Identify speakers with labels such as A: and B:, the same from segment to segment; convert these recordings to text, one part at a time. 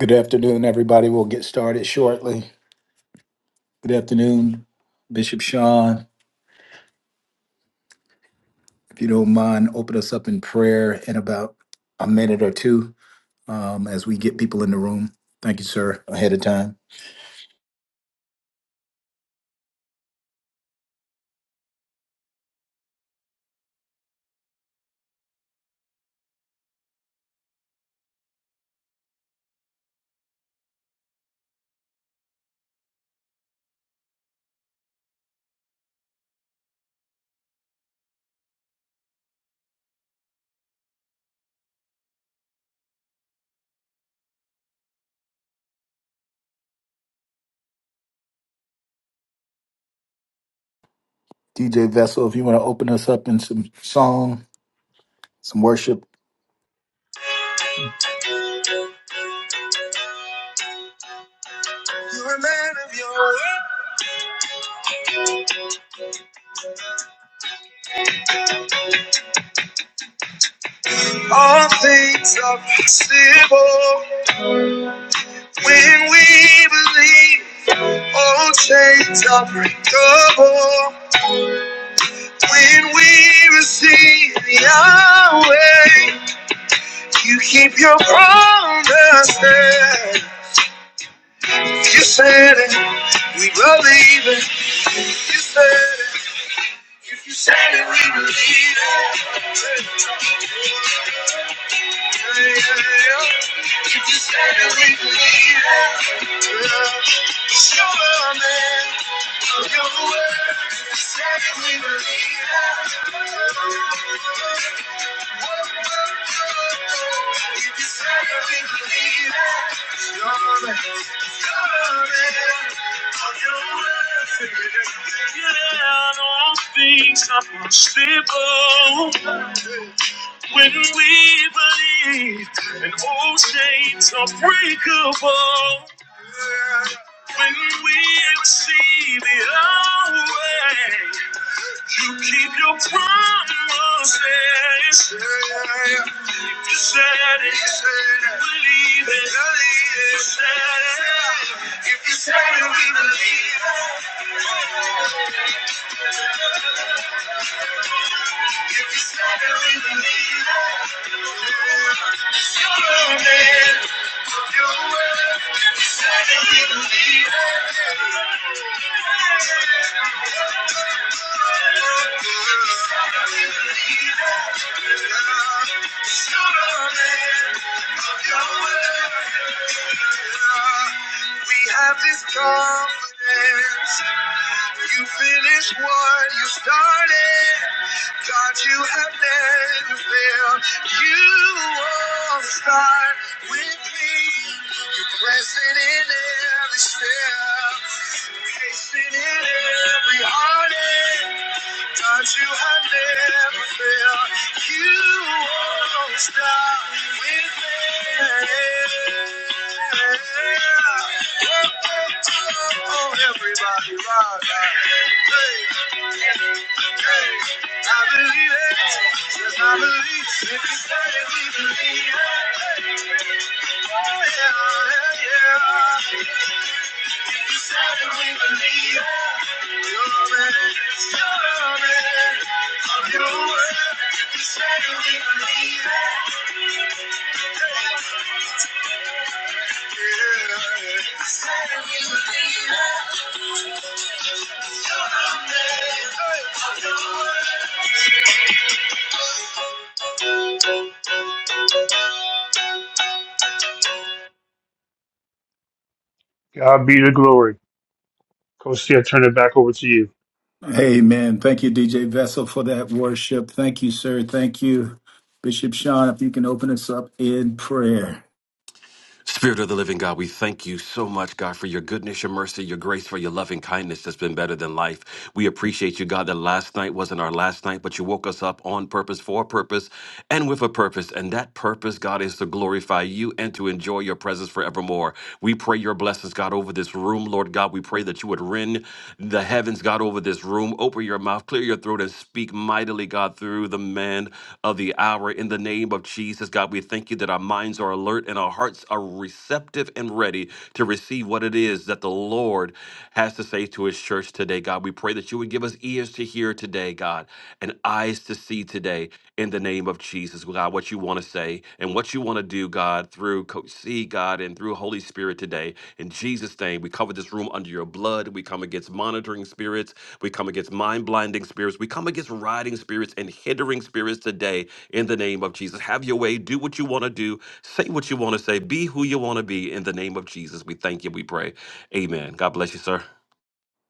A: Good afternoon, everybody. We'll get started shortly. Good afternoon, Bishop Sean. If you don't mind, open us up in prayer in about a minute or two um, as we get people in the room. Thank you, sir, ahead of time. DJ Vessel, if you want to open us up in some song, some worship.
B: You're a man of your word. All things are possible when we believe. All chains are breakable when we receive Yahweh. You keep your promises. You said it, we believe it. You said it. If you said it, we believe it. Yeah, yeah, yeah. If you said it, we believe it. It's your world, man. Your world. If you say we believe that. Your world, man. Your world. Yeah, all things are possible when we believe, and all chains are breakable. When we see the old way, you keep your promises. If you said it, believe it. You said it. If you said it, we believe it. We believe it. Your word said it, we believe it. You're the man of your word. We have this confidence. You finished what you started. God, you have never failed. You won't start with me. You're present in every step, patient in every heartache do you have never failed. You won't stop with me. Oh, oh, oh, everybody rock. out. Hey, hey, I believe it. Yes, I believe. If you say it, we believe it. hey, Oh, yeah, yeah, yeah. God be the glory. Coach, Steve, turn it back over to you.
A: Amen. Thank you, DJ Vessel, for that worship. Thank you, sir. Thank you, Bishop Sean. If you can open us up in prayer.
C: Spirit of the living God, we thank you so much, God, for your goodness, your mercy, your grace, for your loving kindness that's been better than life. We appreciate you, God, that last night wasn't our last night, but you woke us up on purpose, for a purpose, and with a purpose. And that purpose, God, is to glorify you and to enjoy your presence forevermore. We pray your blessings, God, over this room, Lord God. We pray that you would rend the heavens, God, over this room. Open your mouth, clear your throat, and speak mightily, God, through the man of the hour. In the name of Jesus, God, we thank you that our minds are alert spirit and our hearts are receptive and ready to receive what it is that the Lord has to say to his church today, God. We pray that you would give us ears to hear today, God, and eyes to see today in the name of Jesus, God, what you want to say and what you want to do, God, through Coach C, God, and through Holy Spirit today. In Jesus' name, we cover this room under your blood. We come against monitoring spirits. We come against mind blinding spirits. We come against riding spirits and hindering spirits today in the name of Jesus. Have your way. Do what you want to do. Say what you want to say. Be who you want to be. In the name of Jesus, we thank you. We pray. Amen. God bless you, sir.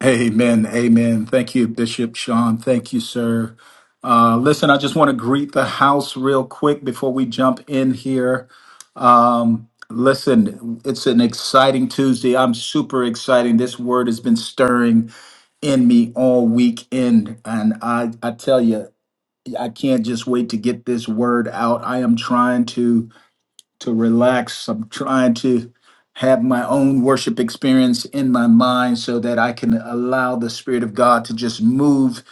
A: Amen. Amen. Thank you, Bishop Sean. Thank you, sir. Uh, listen, I just want to greet the house real quick before we jump in here. Um, listen, it's an exciting Tuesday. I'm super excited. This word has been stirring in me all weekend. And I, I tell you, I can't just wait to get this word out. I am trying to to relax. I'm trying to have my own worship experience in my mind so that I can allow the Spirit of God to just move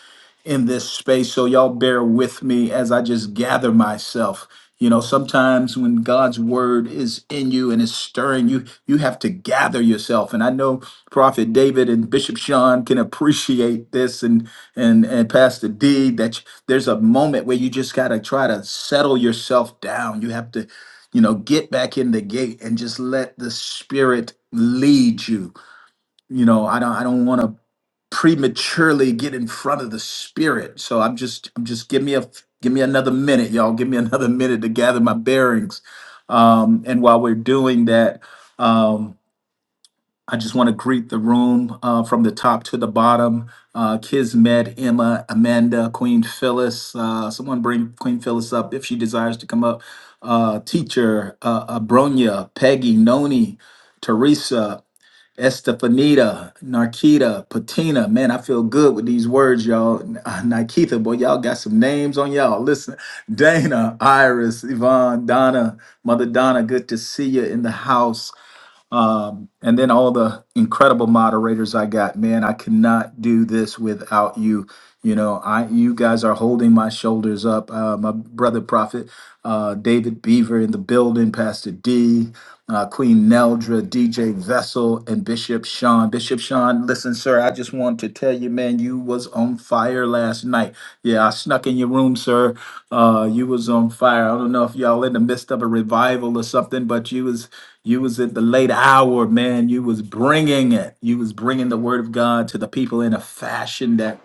A: in this space. So, y'all bear with me as I just gather myself. You know, sometimes when God's word is in you and is stirring you, you have to gather yourself. And I know Prophet David and Bishop Sean can appreciate this and and and Pastor D that there's a moment where you just gotta try to settle yourself down. You have to you know get back in the gate and just let the spirit lead you you know i don't i don't want to prematurely get in front of the spirit so i'm just i'm just give me a give me another minute y'all give me another minute to gather my bearings um and while we're doing that um, I just want to greet the room uh, from the top to the bottom. Uh, Kismet, Emma, Amanda, Queen Phyllis. Uh, someone bring Queen Phyllis up if she desires to come up. Uh, teacher, uh, Abronia, Peggy, Noni, Teresa, Estefanita, Narkita, Patina. Man, I feel good with these words, y'all. Uh, Nikita, boy, y'all got some names on y'all. Listen, Dana, Iris, Yvonne, Donna, Mother Donna, good to see you in the house. Um, and then all the incredible moderators I got, man, I cannot do this without you. You know, I you guys are holding my shoulders up. Uh, my brother prophet, uh, David Beaver in the building, Pastor D, uh, Queen Neldra, DJ Vessel, and Bishop Sean. Bishop Sean. Sean. Listen, sir, I just want to tell you, man, you was on fire last night. Yeah, I snuck in your room, sir. Uh, you was on fire. I don't know if y'all in the midst of a revival or something, but you was you was at the late hour, man. You was bringing it. You was bringing the word of God to the people in a fashion that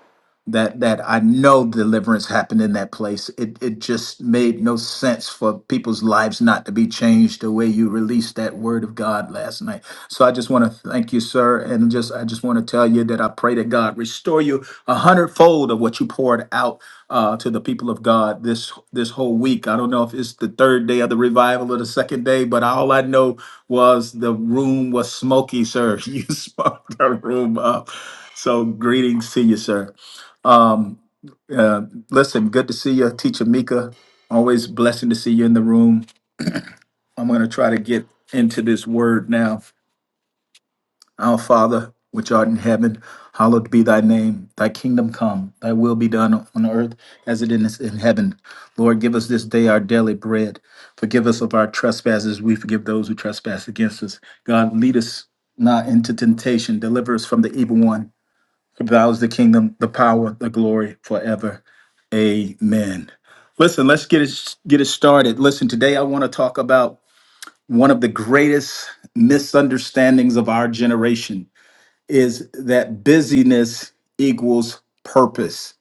A: that that I know deliverance happened in that place. It it just made no sense for people's lives not to be changed the way you released that word of God last night. So I just want to thank you, sir, and just I just want to tell you that I pray that God restore you a hundredfold of what you poured out uh, to the people of God this this whole week. I don't know if it's the third day of the revival or the second day, but all I know was the room was smoky, sir. You smoked the room up. So greetings to you, sir. Uh, listen, good to see you, Teacher Mika. Always blessing to see you in the room. I'm going to try to get into this word now. Our Father, which art in heaven, hallowed be thy name. Thy kingdom come, thy will be done on earth as it is in heaven. Lord, give us this day our daily bread. Forgive us of our trespasses. We forgive those who trespass against us. God, lead us not into temptation. Deliver us from the evil one. For thou is the kingdom, the power, the glory forever. Amen. Listen, let's get it get it started. Listen, today I want to talk about one of the greatest misunderstandings of our generation is that busyness equals purpose.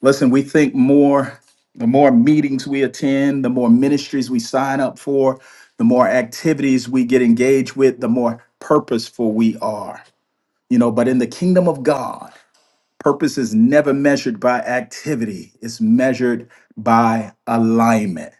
A: Listen, we think more the more meetings we attend, the more ministries we sign up for, the more activities we get engaged with, the more purposeful we are. You know, but in the kingdom of God, Purpose is never measured by activity, it's measured by alignment.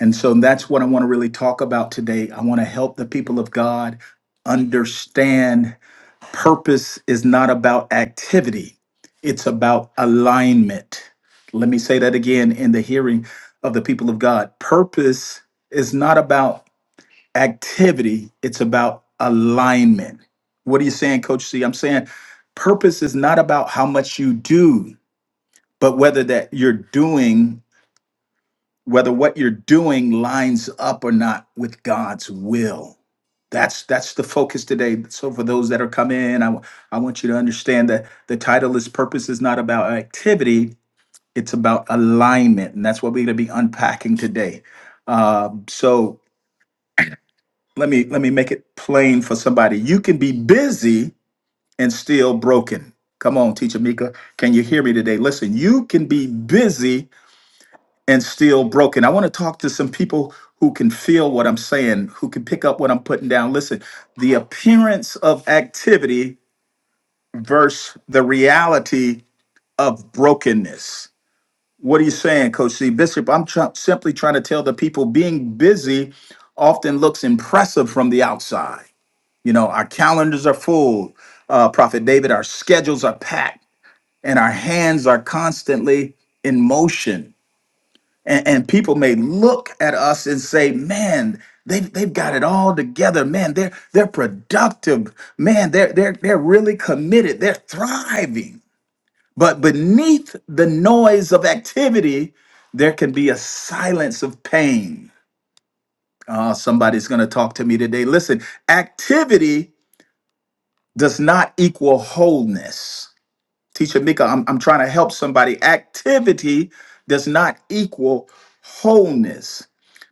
A: And so that's what I want to really talk about today. I want to help the people of God understand purpose is not about activity, it's about alignment. Let me say that again in the hearing of the people of God. Purpose is not about activity, it's about alignment. What are you saying, Coach C? I'm saying purpose is not about how much you do, but whether that you're doing whether what you're doing lines up or not with god's will that's that's the focus today so for those that are coming in i, w- I want you to understand that the title is purpose is not about activity it's about alignment and that's what we're going to be unpacking today um, so let me let me make it plain for somebody you can be busy and still broken come on teacher mika can you hear me today listen you can be busy and still broken. I want to talk to some people who can feel what I'm saying, who can pick up what I'm putting down. Listen, the appearance of activity versus the reality of brokenness. What are you saying, Coach C? Bishop, I'm try- simply trying to tell the people being busy often looks impressive from the outside. You know, our calendars are full, uh, Prophet David, our schedules are packed, and our hands are constantly in motion and, and people may look at us and say man they've, they've got it all together man they're they're productive man they're they're they're really committed they're thriving but beneath the noise of activity there can be a silence of pain Ah, somebody's going to talk to me today listen activity does not equal wholeness teacher mika i'm, I'm trying to help somebody activity does not equal wholeness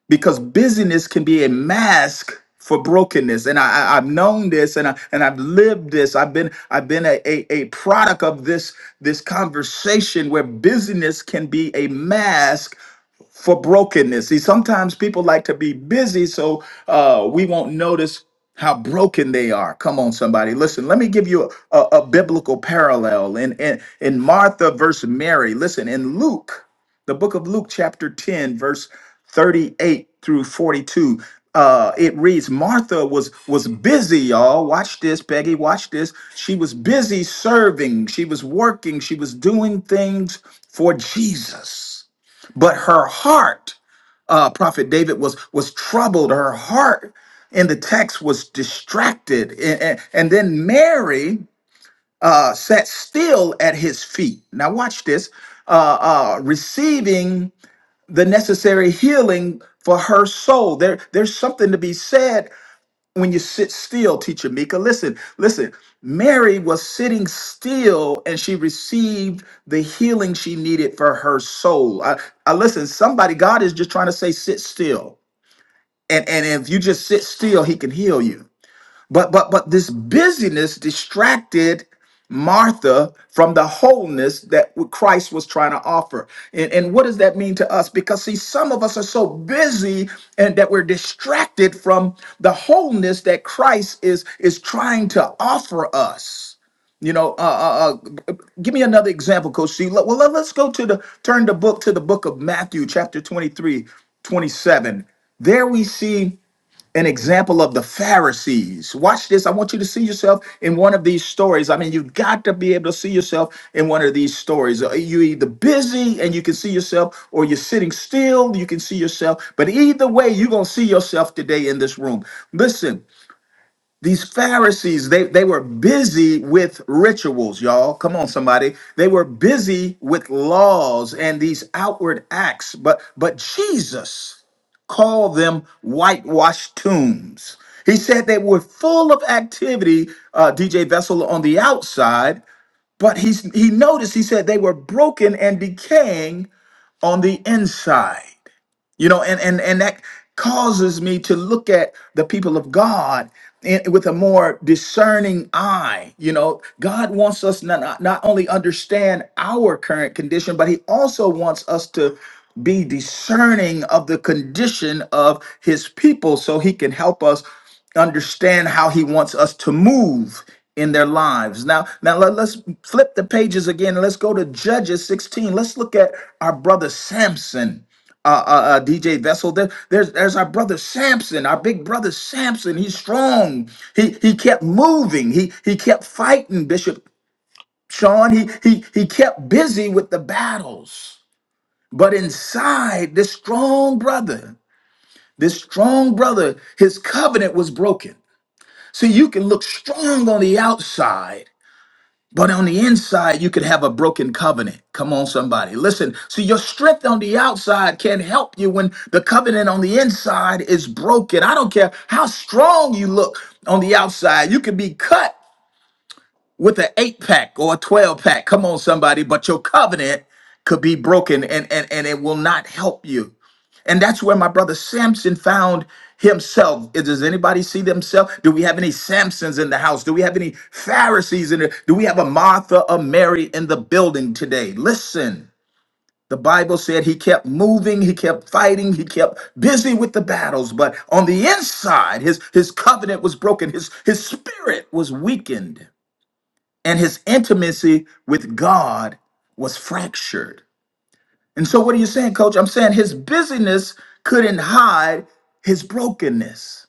A: because busyness can be a mask for brokenness and I, I have known this and I and I've lived this I've been I've been a, a a product of this this conversation where busyness can be a mask for brokenness. See, sometimes people like to be busy, so uh, we won't notice how broken they are. Come on, somebody. Listen, let me give you a, a, a biblical parallel in, in, in Martha versus Mary. Listen, in Luke, the book of Luke, chapter 10, verse 38 through 42. Uh, it reads Martha was was busy, y'all. Watch this, Peggy. Watch this. She was busy serving. She was working. She was doing things for Jesus but her heart uh, prophet david was was troubled her heart in the text was distracted and, and, and then mary uh, sat still at his feet now watch this uh, uh, receiving the necessary healing for her soul there, there's something to be said when you sit still, teacher Mika. Listen, listen. Mary was sitting still and she received the healing she needed for her soul. I, I listen, somebody, God is just trying to say, sit still. And and if you just sit still, he can heal you. But but but this busyness distracted Martha from the wholeness that w- Christ was trying to offer. And, and what does that mean to us? Because see, some of us are so busy and that we're distracted from the wholeness that Christ is is trying to offer us. You know, uh, uh, uh, give me another example, Coach C. Let- Well, let, us go to the turn the book to the book of Matthew, chapter 23, 27. There we see an example of the Pharisees. Watch this. I want you to see yourself in one of these stories. I mean, you've got to be able to see yourself in one of these stories. Uh, You're either busy and you can see yourself, or you're sitting still, you can see yourself. But either way, you're going to see yourself today in this room. Listen, these Pharisees, they, they were busy with rituals, y'all. Come on, somebody. They were busy with laws and these outward acts. But but Jesus called them whitewashed tombs. He said they were full of activity, uh, DJ Vessel on the outside, but he's, he noticed, he said they were broken and decaying on the inside you know and and and that causes me to look at the people of god in, with a more discerning eye you know god wants us not, not not only understand our current condition but he also wants us to be discerning of the condition of his people so he can help us understand how he wants us to move in their lives. Now, now let, us flip the pages again let's go to Judges 16. Let's look at our brother Samson uh, uh, uh, DJ Vessel. There, there's there's our brother Samson, our big brother Samson. He's strong. He he kept moving. He he kept fighting Bishop Sean. He he he kept busy with the battles. But inside this strong brother, this strong brother, his covenant was broken. See, you can look strong on the outside, but on the inside, you could have a broken covenant. Come on, somebody. Listen, see, your strength on the outside can help you when the covenant on the inside is broken. I don't care how strong you look on the outside, you could be cut with an eight pack or a 12 pack. Come on, somebody. But your covenant could be broken and, and, and it will not help you. And that's where my brother Samson found himself. Is- Does anybody see themselves? Do we have any Samsons in the house? Do we have any Pharisees in there? Do we have a Martha a Mary in the building today? Listen, the Bible said he kept moving, he kept fighting, he kept busy with the battles, but on the inside, his, his covenant was broken, his, his spirit was weakened, and his intimacy with God was fractured. And so, what are you saying, coach? I'm saying his busyness couldn't hide his brokenness.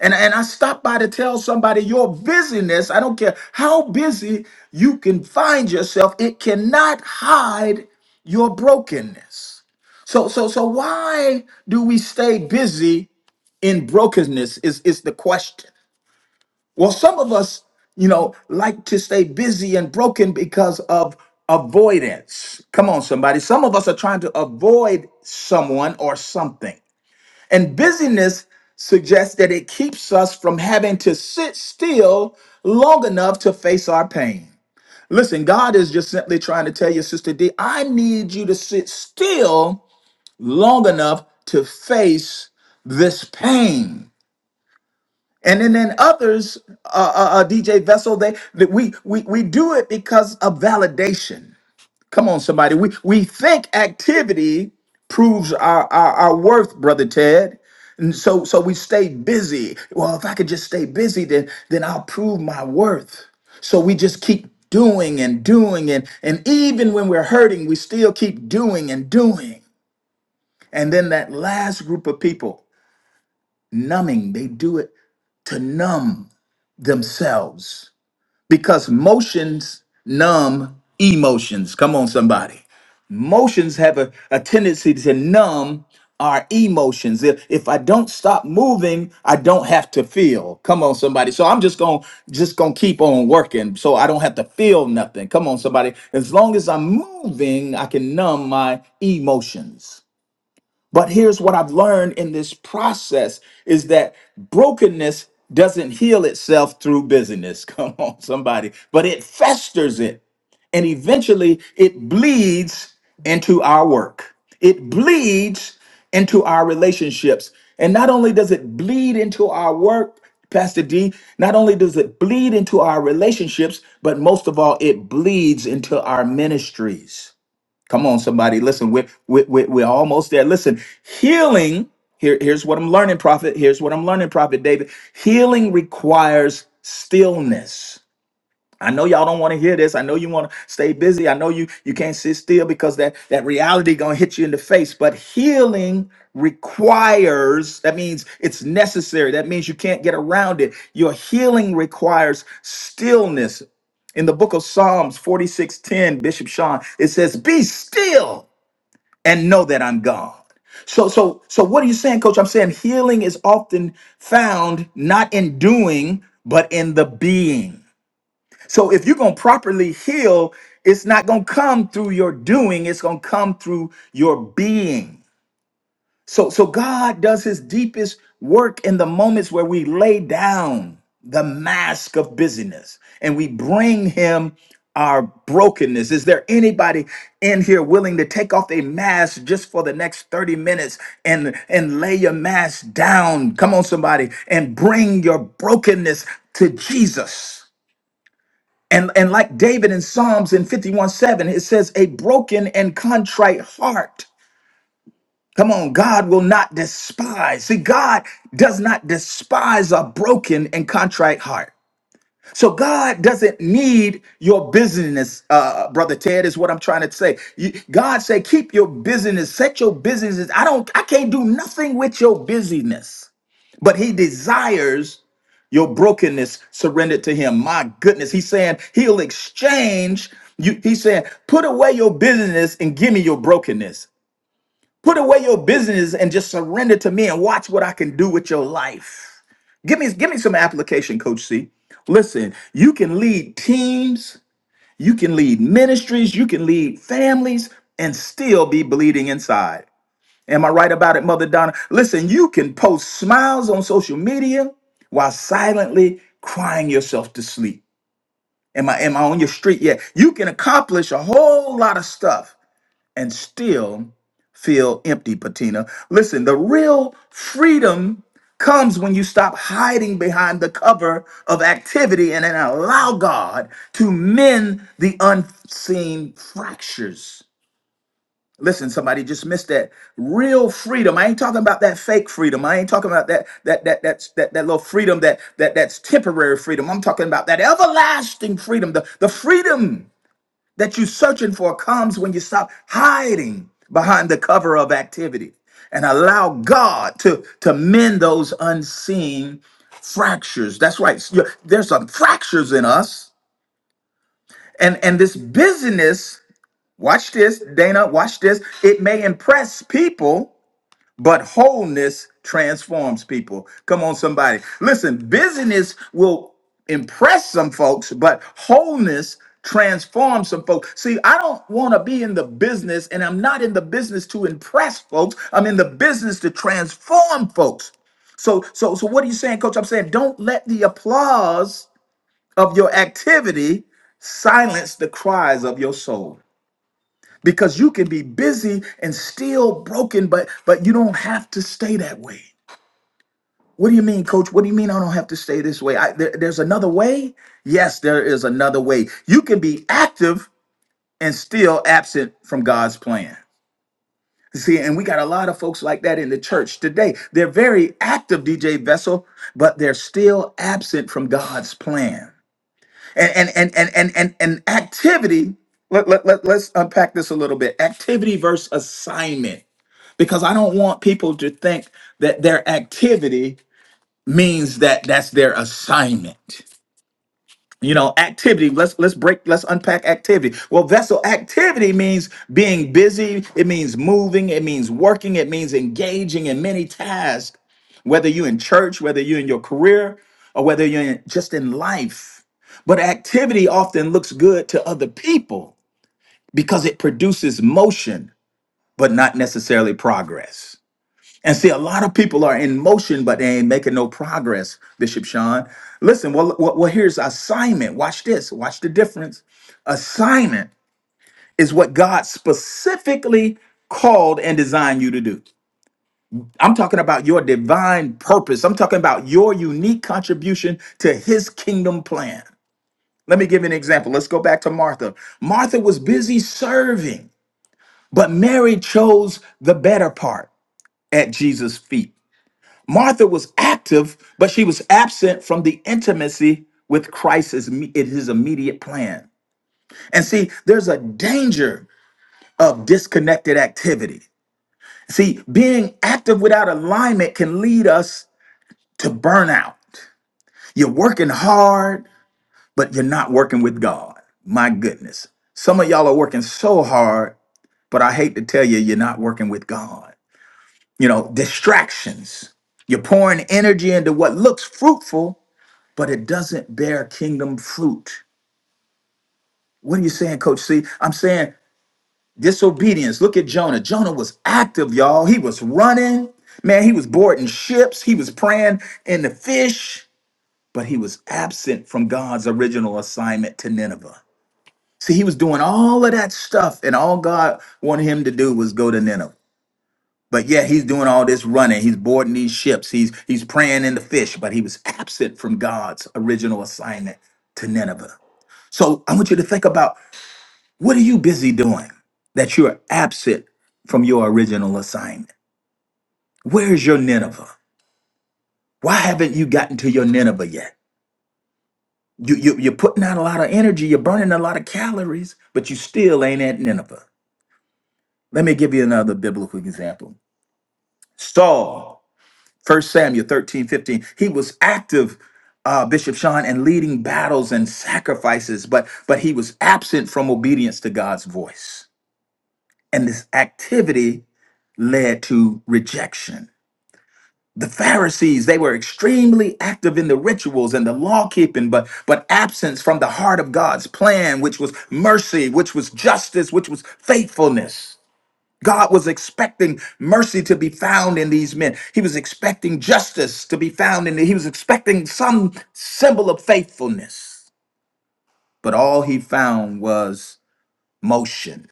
A: And, and I stopped by to tell somebody your busyness, I don't care how busy you can find yourself, it cannot hide your brokenness. So, so, so why do we stay busy in brokenness? Is, is the question. Well, some of us, you know, like to stay busy and broken because of avoidance. Come on, somebody. Some of us are trying to avoid someone or something. And busyness suggests that it keeps us from having to sit still long enough to face our pain. Listen, God is just simply trying to tell you, Sister D, I need you to sit still long enough to face this pain. And then, then others, uh, uh, uh, DJ Vessel, they that we we we do it because of validation. Come on, somebody. We we think activity proves our our, our worth, brother Ted. And so so we stay busy. Well, if I could just stay busy, then then I'll prove my worth. So we just keep doing and doing and and even when we're hurting, we still keep doing and doing. And then that last group of people, numbing, they do it to numb themselves because motions numb emotions. Come on, somebody. Motions have a, a tendency to numb our emotions. If, if I don't stop moving, I don't have to feel. Come on, somebody. So I'm just going to just going to keep on working so I don't have to feel nothing. Come on, somebody. As long as I'm moving, I can numb my emotions. But here's what I've learned in this process is that brokenness doesn't heal itself through busyness. Come on, somebody. But it festers it. And eventually it bleeds into our work. It bleeds into our relationships. And not only does it bleed into our work, Pastor D, not only does it bleed into our relationships, but most of all, it bleeds into our ministries. Come on, somebody. Listen, we're, we're, we're almost there. Listen, healing, here, here's what I'm learning, Prophet. Here's what I'm learning, Prophet David. Healing requires stillness. I know y'all don't want to hear this. I know you want to stay busy. I know you you can't sit still because that that reality going to hit you in the face. But healing requires that means it's necessary. That means you can't get around it. Your healing requires stillness. In the book of Psalms 46:10, Bishop Sean, it says, "Be still and know that I'm God." So so so what are you saying, coach? I'm saying healing is often found not in doing, but in the being. So if you're going to properly heal, it's not going to come through your doing, it's going to come through your being. So so God does his deepest work in the moments where we lay down the mask of busyness and we bring him our brokenness. Is there anybody in here willing to take off a mask just for the next 30 minutes and and lay your mask down? Come on somebody and bring your brokenness to Jesus. And, and like David in Psalms in 51 7, it says, a broken and contrite heart. Come on, God will not despise. See, God does not despise a broken and contrite heart. So God doesn't need your busyness, uh, brother Ted, is what I'm trying to say. You- God said, keep your busyness, set your busyness. I don't, I can't do nothing with your busyness but he desires your brokenness surrendered to him. My goodness, he's saying he'll exchange you. He's saying, put away your business and give me your brokenness. Put away your business and just surrender to me and watch what I can do with your life. Give me, give me some application, Coach C. Listen, you can lead teams, you can lead ministries, you can lead families, and still be bleeding inside. Am I right about it, Mother Donna? Listen, you can post smiles on social media while silently crying yourself to sleep. Am I am I on your street yet? You can accomplish a whole lot of stuff and still feel empty, Patina. Listen, the real freedom comes when you stop hiding behind the cover of activity and then allow God to mend the unseen fractures Listen, somebody just missed that real freedom. I ain't talking about that fake freedom. I ain't talking about that that that that's that that little freedom that that that's temporary freedom. I'm talking about that everlasting freedom. The the freedom that you're searching for comes when you stop hiding behind the cover of activity and allow God to to mend those unseen fractures. That's right. You- There's some fractures in us, and and this busyness. Watch this, Dana. Watch this. It may impress people but wholeness transforms people. Come on, somebody. Listen, busyness will impress some folks, but wholeness transforms some folks. See, I don't want to be in the business, and I'm not in the business to impress folks. I'm in the business to transform folks. So, so, so, what are you saying, Coach? I'm saying don't let the applause of your activity silence the cries of your soul because you can be busy and still broken but but you don't have to stay that way what do you mean coach what do you mean i don't have to stay this way I, there- there's another way yes there is another way you can be active and still absent from god's plan see and we got a lot of folks like that in the church today they're very active dj vessel but they're still absent from god's plan and and and and and, and, and activity let, let, let, let's unpack this a little bit activity versus assignment because I don't want people to think that their activity means that that's their assignment. You know, activity. Let's let's break. Let's unpack activity. Well, vessel activity means being busy. It means moving. It means working. It means engaging in many tasks. Whether you're in church, whether you're in your career, or whether you're in, just in life. But activity often looks good to other people because it produces motion, but not necessarily progress. And see, a lot of people are in motion, but they ain't making no progress, Bishop Sean. Listen, well, well, well, here's assignment. Watch this. Watch the difference. Assignment is what God specifically called and designed you to do. I'm talking about your divine purpose. I'm talking about your unique contribution to his kingdom plan. Let me give you an example. Let's go back to Martha. Martha was busy serving, but Mary chose the better part at Jesus' feet. Martha was active, but she was absent from the intimacy with Christ as me- in his immediate plan. And see, there's a danger of disconnected activity. See, being active without alignment can lead us to burnout. You're working hard, but you're not working with God. My goodness. Some of y'all are working so hard, but I hate to tell you, you're not working with God. You know, distractions. You're pouring energy into what looks fruitful, but it doesn't bear kingdom fruit. What are you saying, Coach C? I'm saying disobedience. Look at Jonah. Jonah was active, y'all. He was running. Man, he was boarding ships. He was praying in the fish, but he was absent from God's original assignment to Nineveh. See, he was doing all of that stuff, and all God wanted him to do was go to Nineveh. But yeah, he's doing all this running. He's boarding these ships. He's he's praying in the fish, but he was absent from God's original assignment to Nineveh. So I want you to think about what are you busy doing that you're absent from your original assignment? Where's your Nineveh? Why haven't you gotten to your Nineveh yet? You, you, you're putting out a lot of energy, you're burning a lot of calories, but you still ain't at Nineveh. Let me give you another biblical example. Saul, First Samuel 13 15. he was active, uh, Bishop Sean, and leading battles and sacrifices, but, but he was absent from obedience to God's voice. And this activity led to rejection. The Pharisees, they were extremely active in the rituals and the law keeping, but, but absence from the heart of God's plan, which was mercy, which was justice, which was faithfulness. God was expecting mercy to be found in these men. He was expecting justice to be found in them. He was expecting some symbol of faithfulness. But all he found was motion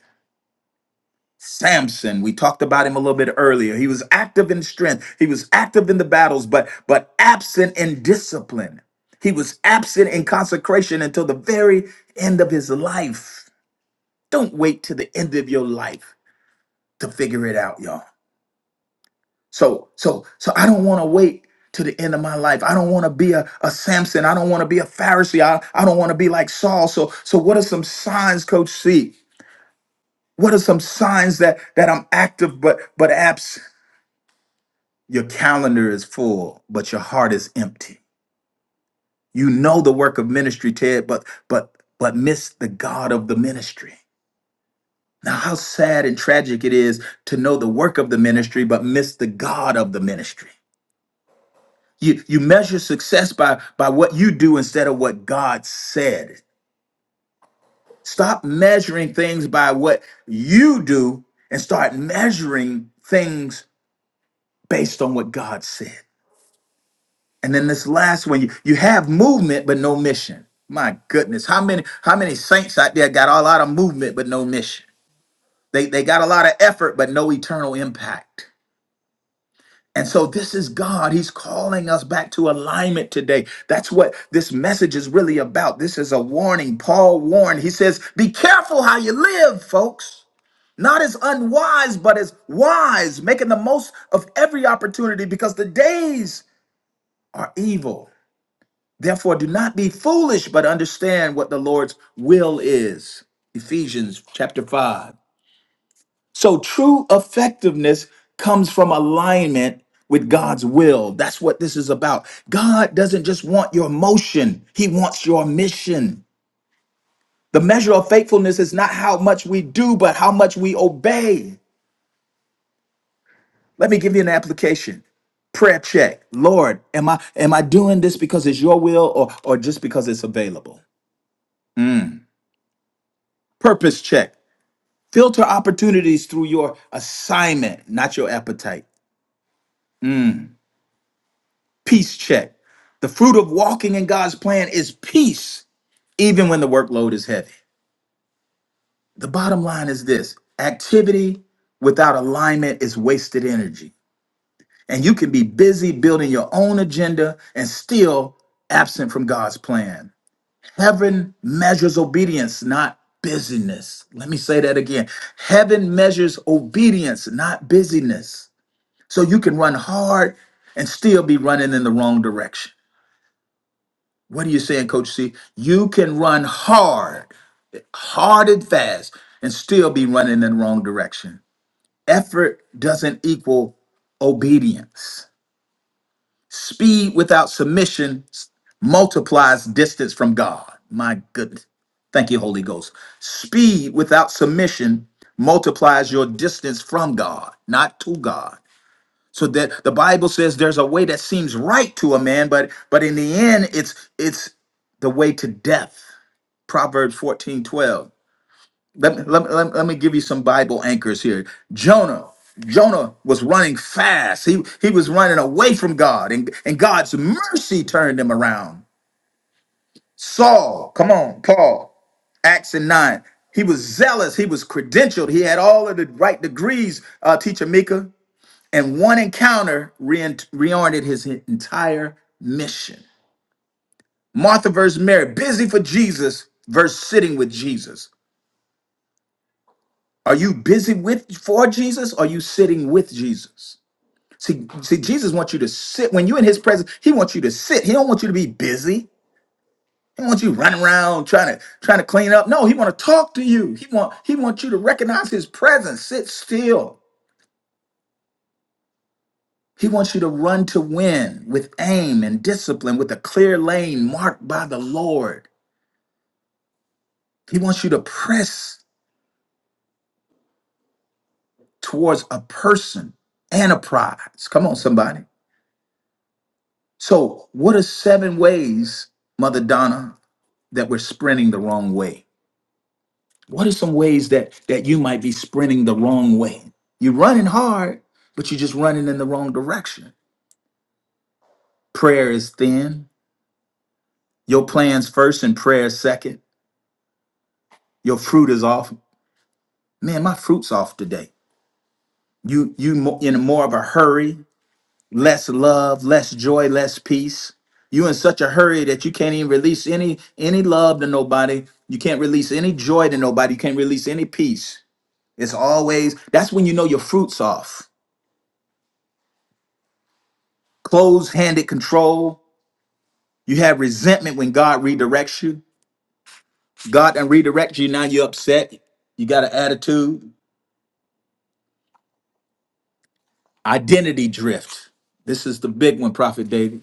A: Samson, we talked about him a little bit earlier. He was active in strength. He was active in the battles, but but absent in discipline. He was absent in consecration until the very end of his life. Don't wait to the end of your life to figure it out, y'all. So so so I don't want to wait to the end of my life. I don't want to be a, a Samson. I don't want to be a Pharisee. I, I don't want to be like Saul. So so what are some signs, Coach C? What are some signs that that I'm active but but absent? Your calendar is full, but your heart is empty. You know the work of ministry, Ted, but but but miss the God of the ministry. Now, how sad and tragic it is to know the work of the ministry, but miss the God of the ministry. You you measure success by by what you do instead of what God said. Stop measuring things by what you do and start measuring things based on what God said. And then this last one, you, you have movement but no mission. My goodness, how many how many saints out there got a lot of movement but no mission? They they got a lot of effort but no eternal impact. And so this is God. He's calling us back to alignment today. That's what this message is really about. This is a warning. Paul warned. He says, "Be careful how you live, folks." Not as unwise, but as wise, making the most of every opportunity because the days are evil. Therefore, do not be foolish, but understand what the Lord's will is. Ephesians chapter 5. So, true effectiveness comes from alignment with God's will. That's what this is about. God doesn't just want your motion, He wants your mission. The measure of faithfulness is not how much we do, but how much we obey. Let me give you an application prayer check lord am i am i doing this because it's your will or or just because it's available purpose check Filter opportunities through your assignment, not your appetite. Peace check. The fruit of walking in God's plan is peace, even when the workload is heavy. The bottom line is this activity without alignment is wasted energy. And you can be busy building your own agenda and still absent from God's plan. Heaven measures obedience, not busyness. Let me say that again. Heaven measures obedience, not busyness. So you can run hard and still be running in the wrong direction. What are you saying, Coach C? You can run hard, hard and fast, and still be running in the wrong direction. Effort doesn't equal obedience. Speed without submission s- multiplies distance from God. My goodness. Thank you, Holy Ghost. Speed without submission multiplies your distance from God, not to God. so that the bible says there's a way that seems right to a man but but in the end it's it's the way to death proverbs 14 12. let me, let, me, let me let me give you some bible anchors here jonah jonah was running fast he he was running away from god and, and god's mercy turned him around saul come on paul acts and 9 he was zealous he was credentialed he had all of the right degrees uh, teacher mika and one encounter rein- reoriented his entire mission. Martha versus Mary, busy for Jesus versus sitting with Jesus. Are you busy with for Jesus? Or are you sitting with Jesus? See, see, Jesus wants you to sit. When you're in his presence, he wants you to sit. He don't want you to be busy. He wants you running around trying to trying to clean up. No, he want to talk to you. He want he wants you to recognize his presence. Sit still. He wants you to run to win with aim and discipline, with a clear lane marked by the Lord. He wants you to press towards a person and a prize. Come on, somebody. So, what are seven ways, Mother Donna, that we're sprinting the wrong way? What are some ways that that you might be sprinting the wrong way? You're running hard, but you're just running in the wrong direction. Prayer is thin. Your plans first and prayer second. Your fruit is off. Man, my fruit's off today. You you mo- in more of a hurry, less love, less joy, less peace. You in such a hurry that you can't even release any any love to nobody. You can't release any joy to nobody. You can't release any peace. It's always that's when you know your fruits off. Closed-handed control. You have resentment when God redirects you. God and redirects you. Now you're upset. You got an attitude. Identity drift. This is the big one, Prophet David.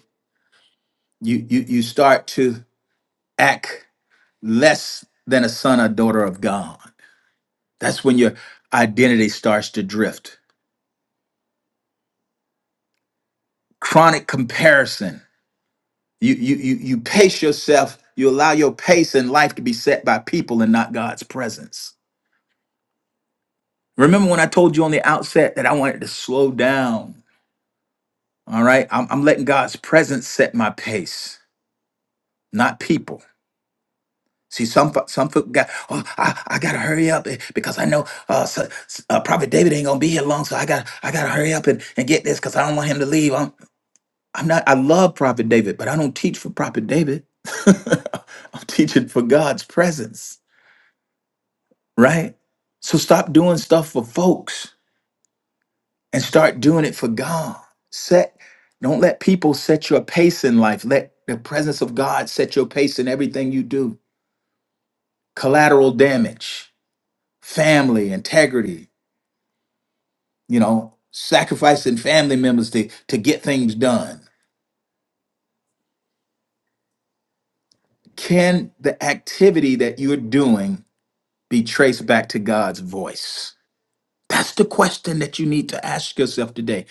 A: You you you start to act less than a son or daughter of God. That's when your identity starts to drift. Chronic comparison. You you you you pace yourself. You allow your pace in life to be set by people and not God's presence. Remember when I told you on the outset that I wanted to slow down? All right, I'm, I'm letting God's presence set my pace, not people. See, some fo- some folk got. Oh, I, I gotta hurry up eh, because I know uh, so, s- uh, Prophet David ain't gonna be here long, so I got to I gotta hurry up and, and get this because I don't want him to leave. I'm I'm not. I love Prophet David, but I don't teach for Prophet David. I'm teaching for God's presence, right? So stop doing stuff for folks and start doing it for God. Set. Don't let people set your pace in life. Let the presence of God set your pace in everything you do. Collateral damage family, integrity, you know, sacrificing family members to, to get things done. Can the activity that you're doing be traced back to God's voice? That's the question that you need to ask yourself today.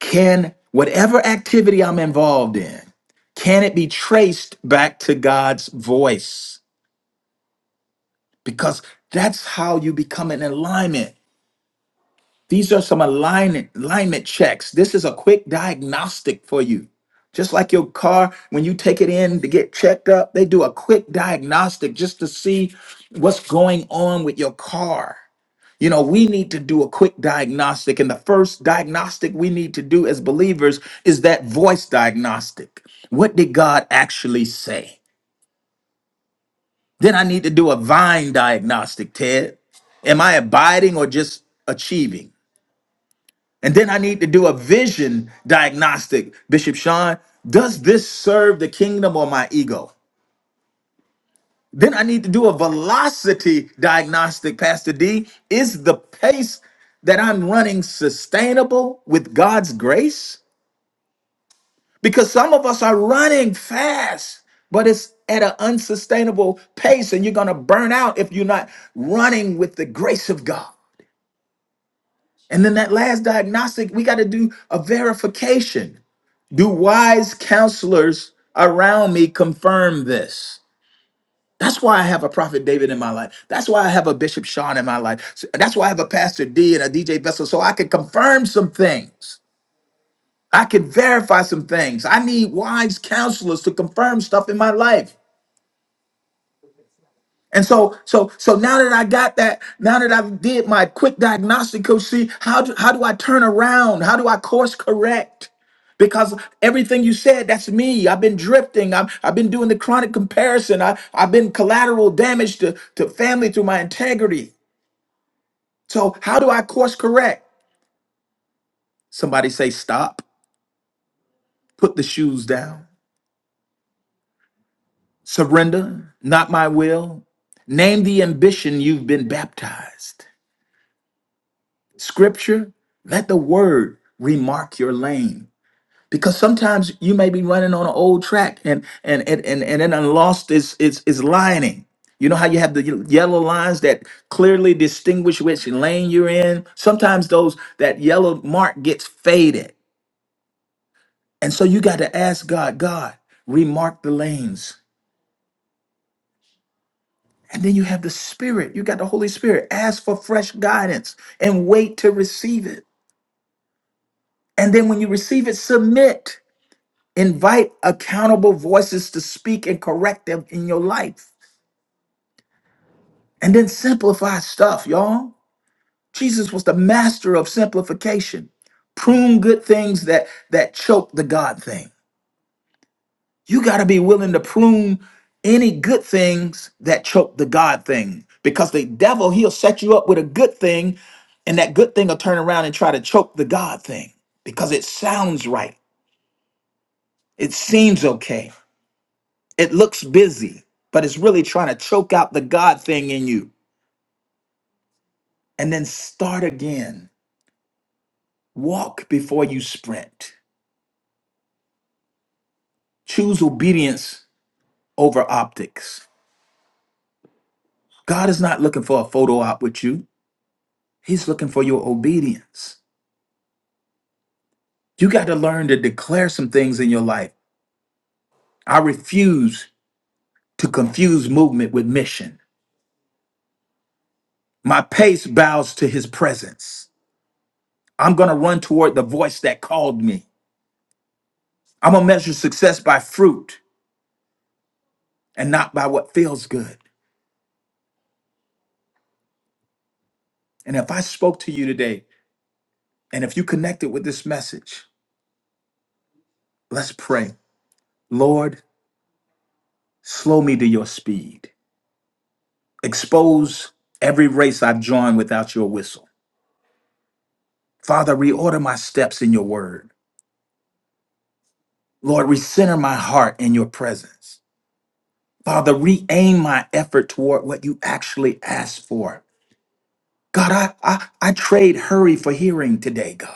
A: Can whatever activity I'm involved in, can it be traced back to God's voice? Because that's how you become in alignment. These are some alignment, alignment checks. This is a quick diagnostic for you. Just like your car, when you take it in to get checked up, they do a quick diagnostic just to see what's going on with your car. You know, we need to do a quick diagnostic. And the first diagnostic we need to do as believers is that voice diagnostic. What did God actually say? Then I need to do a vine diagnostic, Ted. Am I abiding or just achieving? And then I need to do a vision diagnostic. Bishop Sean, does this serve the kingdom or my ego? Then I need to do a velocity diagnostic, Pastor D. Is the pace that I'm running sustainable with God's grace? Because some of us are running fast, but it's at an unsustainable pace, and you're going to burn out if you're not running with the grace of God. And then that last diagnostic, we got to do a verification. Do wise counselors around me confirm this? That's why I have a prophet David in my life. That's why I have a Bishop Sean in my life. So- That's why I have a Pastor D and a DJ Vessel, so I can confirm some things. I can verify some things. I need wise counselors to confirm stuff in my life. And so, so, so now that I got that, now that i did my quick diagnostic, coach, see how do, how do I turn around? How do I course correct? Because everything you said, that's me. I've been drifting. I've, I've been doing the chronic comparison. I, I've been collateral damage to, to family through my integrity. So how do I course correct? Somebody say, stop, put the shoes down, surrender, not my will. Name the ambition you've been baptized. Scripture, let the word remark your lane. Because sometimes you may be running on an old track and and and and, and then I lost its its its lining. You know how you have the ye- yellow lines that clearly distinguish which lane you're in? Sometimes those that yellow mark gets faded. And so you got to ask God, God, remark the lanes. And then you have the Spirit. You got the Holy Spirit. Ask for fresh guidance and wait to receive it. And then when you receive it, submit. Invite accountable voices to speak and correct them in your life. And then simplify stuff, y'all. Jesus was the master of simplification. Prune good things that that choke the God thing. You got to be willing to prune any good things that choke the God thing because the devil, he'll set you up with a good thing and that good thing will turn around and try to choke the God thing because it sounds right. It seems okay. It looks busy, but it's really trying to choke out the God thing in you. And then start again. Walk before you sprint. Choose obedience over optics. God is not looking for a photo op with you, He's looking for your obedience. You got to learn to declare some things in your life. I refuse to confuse movement with mission. My pace bows to His presence. I'm going to run toward the voice that called me. I'm going to measure success by fruit and not by what feels good. And if I spoke to you today, and if you connected with this message, let's pray. Lord, slow me to your speed. Expose every race I've joined without your whistle. Father, reorder my steps in your word. Lord, recenter my heart in your presence. Father, re aim my effort toward what you actually asked for. God, I, I, I trade hurry for hearing today, God.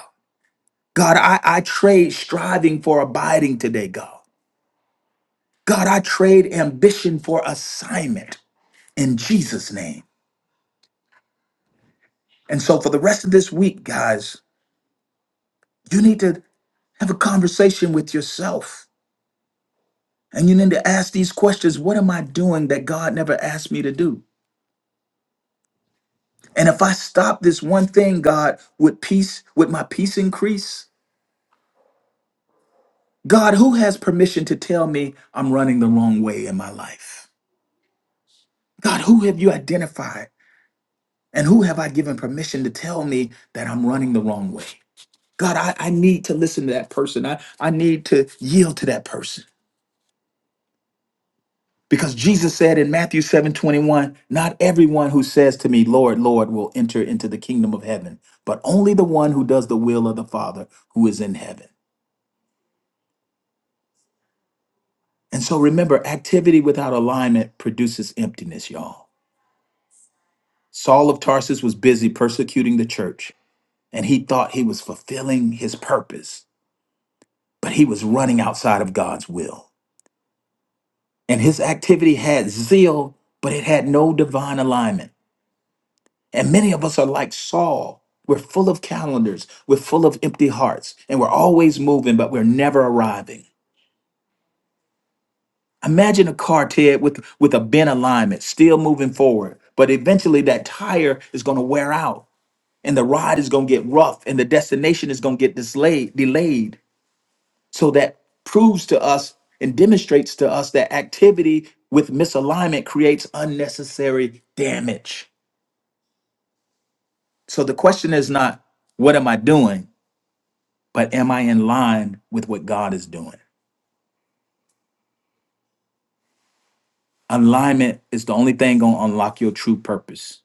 A: God, I, I trade striving for abiding today, God. God, I trade ambition for assignment in Jesus' name. And so for the rest of this week, guys, you need to have a conversation with yourself. And you need to ask these questions What am I doing that God never asked me to do? And if I stop this one thing, God, would peace, would my peace increase? God, who has permission to tell me I'm running the wrong way in my life? God, who have you identified and who have I given permission to tell me that I'm running the wrong way? God, I, I need to listen to that person. I, I need to yield to that person. Because Jesus said in Matthew seven twenty one, not everyone who says to me, Lord, Lord, will enter into the kingdom of heaven, but only the one who does the will of the Father who is in heaven. And so remember, activity without alignment produces emptiness, y'all. Saul of Tarsus was busy persecuting the church, and he thought he was fulfilling his purpose, but he was running outside of God's will. And his activity had zeal, but it had no divine alignment. And many of us are like Saul. We're full of calendars, we're full of empty hearts, and we're always moving, but we're never arriving. Imagine a car, Ted, with, with a bent alignment, still moving forward, but eventually that tire is going to wear out, and the ride is going to get rough, and the destination is going to get dislayed, delayed. So that proves to us and demonstrates to us that activity with misalignment creates unnecessary damage. So the question is not, what am I doing? But am I in line with what God is doing? Alignment is the only thing going to unlock your true purpose.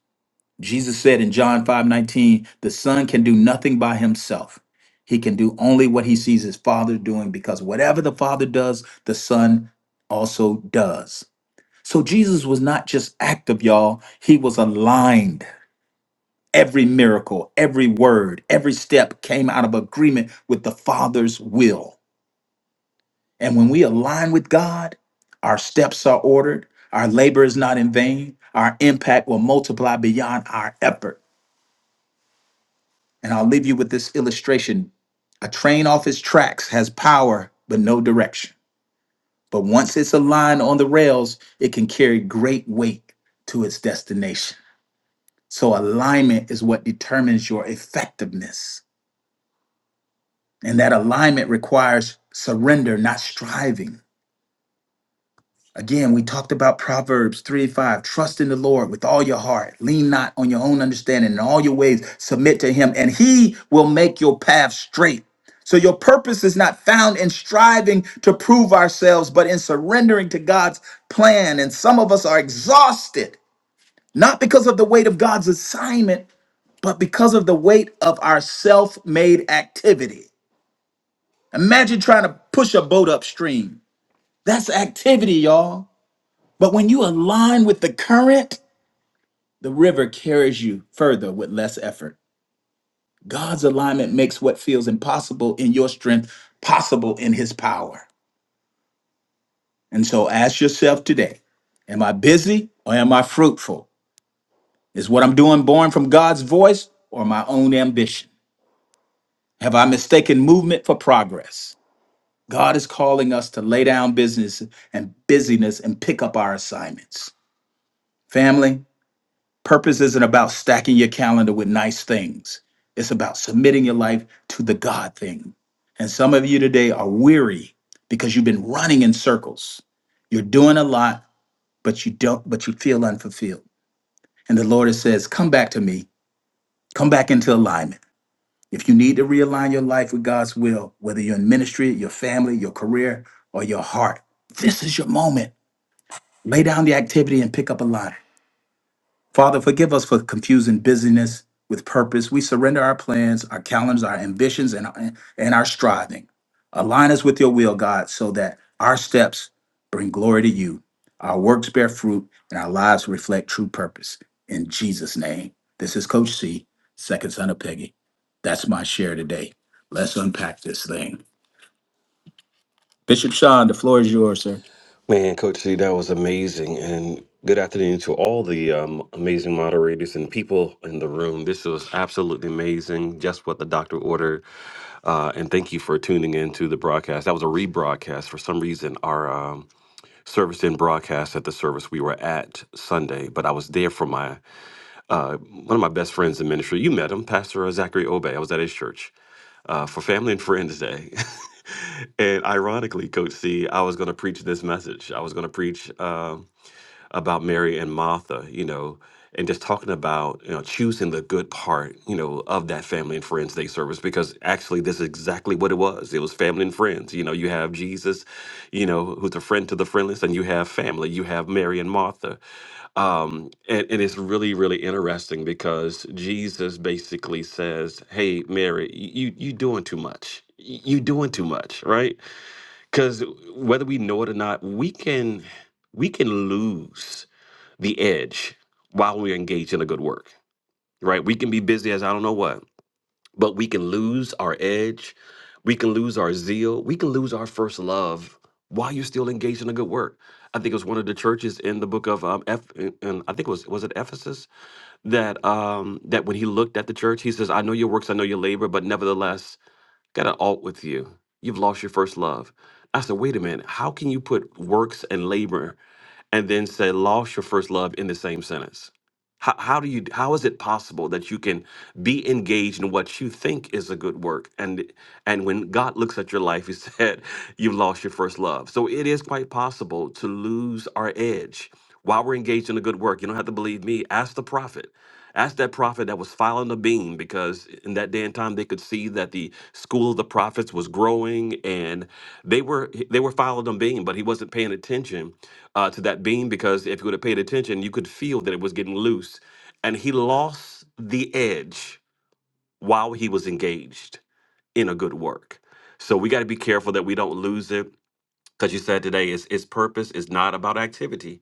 A: Jesus said in John 5 19, the Son can do nothing by himself. He can do only what he sees his Father doing because whatever the Father does, the Son also does. So Jesus was not just active, y'all. He was aligned. Every miracle, every word, every step came out of agreement with the Father's will. And when we align with God, our steps are ordered, our labor is not in vain, our impact will multiply beyond our effort. And I'll leave you with this illustration a train off its tracks has power, but no direction. But once it's aligned on the rails, it can carry great weight to its destination. So alignment is what determines your effectiveness. And that alignment requires surrender, not striving. Again, we talked about Proverbs 3 5. Trust in the Lord with all your heart. Lean not on your own understanding. In all your ways, submit to Him, and He will make your path straight. So, your purpose is not found in striving to prove ourselves, but in surrendering to God's plan. And some of us are exhausted, not because of the weight of God's assignment, but because of the weight of our self made activity. Imagine trying to push a boat upstream. That's activity, y'all. But when you align with the current, the river carries you further with less effort. God's alignment makes what feels impossible in your strength possible in his power. And so ask yourself today Am I busy or am I fruitful? Is what I'm doing born from God's voice or my own ambition? Have I mistaken movement for progress? God is calling us to lay down business and busyness and pick up our assignments. Family, purpose isn't about stacking your calendar with nice things. It's about submitting your life to the God thing. And some of you today are weary because you've been running in circles. You're doing a lot, but you don't but you feel unfulfilled. And the Lord says, "Come back to me. Come back into alignment." If you need to realign your life with God's will, whether you're in ministry, your family, your career, or your heart, this is your moment. Lay down the activity and pick up a line. Father, forgive us for confusing busyness with purpose. We surrender our plans, our calendars, our ambitions, and, and our striving. Align us with your will, God, so that our steps bring glory to you, our works bear fruit, and our lives reflect true purpose. In Jesus' name. This is Coach C, second son of Peggy. That's my share today. Let's unpack this thing. Bishop Sean, the floor is yours, sir.
C: Man, Coach C, that was amazing. And good afternoon to all the um, amazing moderators and people in the room. This was absolutely amazing. Just what the doctor ordered. Uh, and thank you for tuning in to the broadcast. That was a rebroadcast. For some reason, our um, service didn't broadcast at the service we were at Sunday, but I was there for my one of my best friends in ministry. You met him, Pastor Zachary Obey. I was at his church. uh, for Family and Friends Day. and ironically, Coach C, I was going to preach this message. I was going to preach um, about Mary and Martha, you know, and just talking about, you know, choosing the good part, you know, of that Family and Friends Day service, because actually this is exactly what it was. It was family and friends. You know, you have Jesus, you know, who's a friend to the friendless, and you have family. You have Mary and Martha um and, and it's really really interesting because jesus basically says hey mary you you doing too much Y- you doing too much right because whether we know it or not we can we can lose the edge while we're engaged in a good work right we can be busy as i don't know what but we can lose our edge, we can lose our zeal, we can lose our first love while you're still engaged in a good work. I think it was one of the churches in the book of um, F, and I think it was was it Ephesus that um that when he looked at the church, he says, "I know your works, I know your labor, but nevertheless, got an alt with you. You've lost your first love." I said, "Wait a minute. How can you put works and labor and then say lost your first love in the same sentence how, how do you how is it possible that you can be engaged in what you think is a good work and and when god looks at your life he said you've lost your first love so it is quite possible to lose our edge while we're engaged in a good work you don't have to believe me ask the prophet Ask that prophet that was filing the beam because in that day and time they could see that the school of the prophets was growing and they were they were filing the beam, but he wasn't paying attention uh, to that beam because if he would have paid attention, you could feel that it was getting loose, and he lost the edge while he was engaged in a good work. So we got to be careful that we don't lose it because you said today is its purpose is not about activity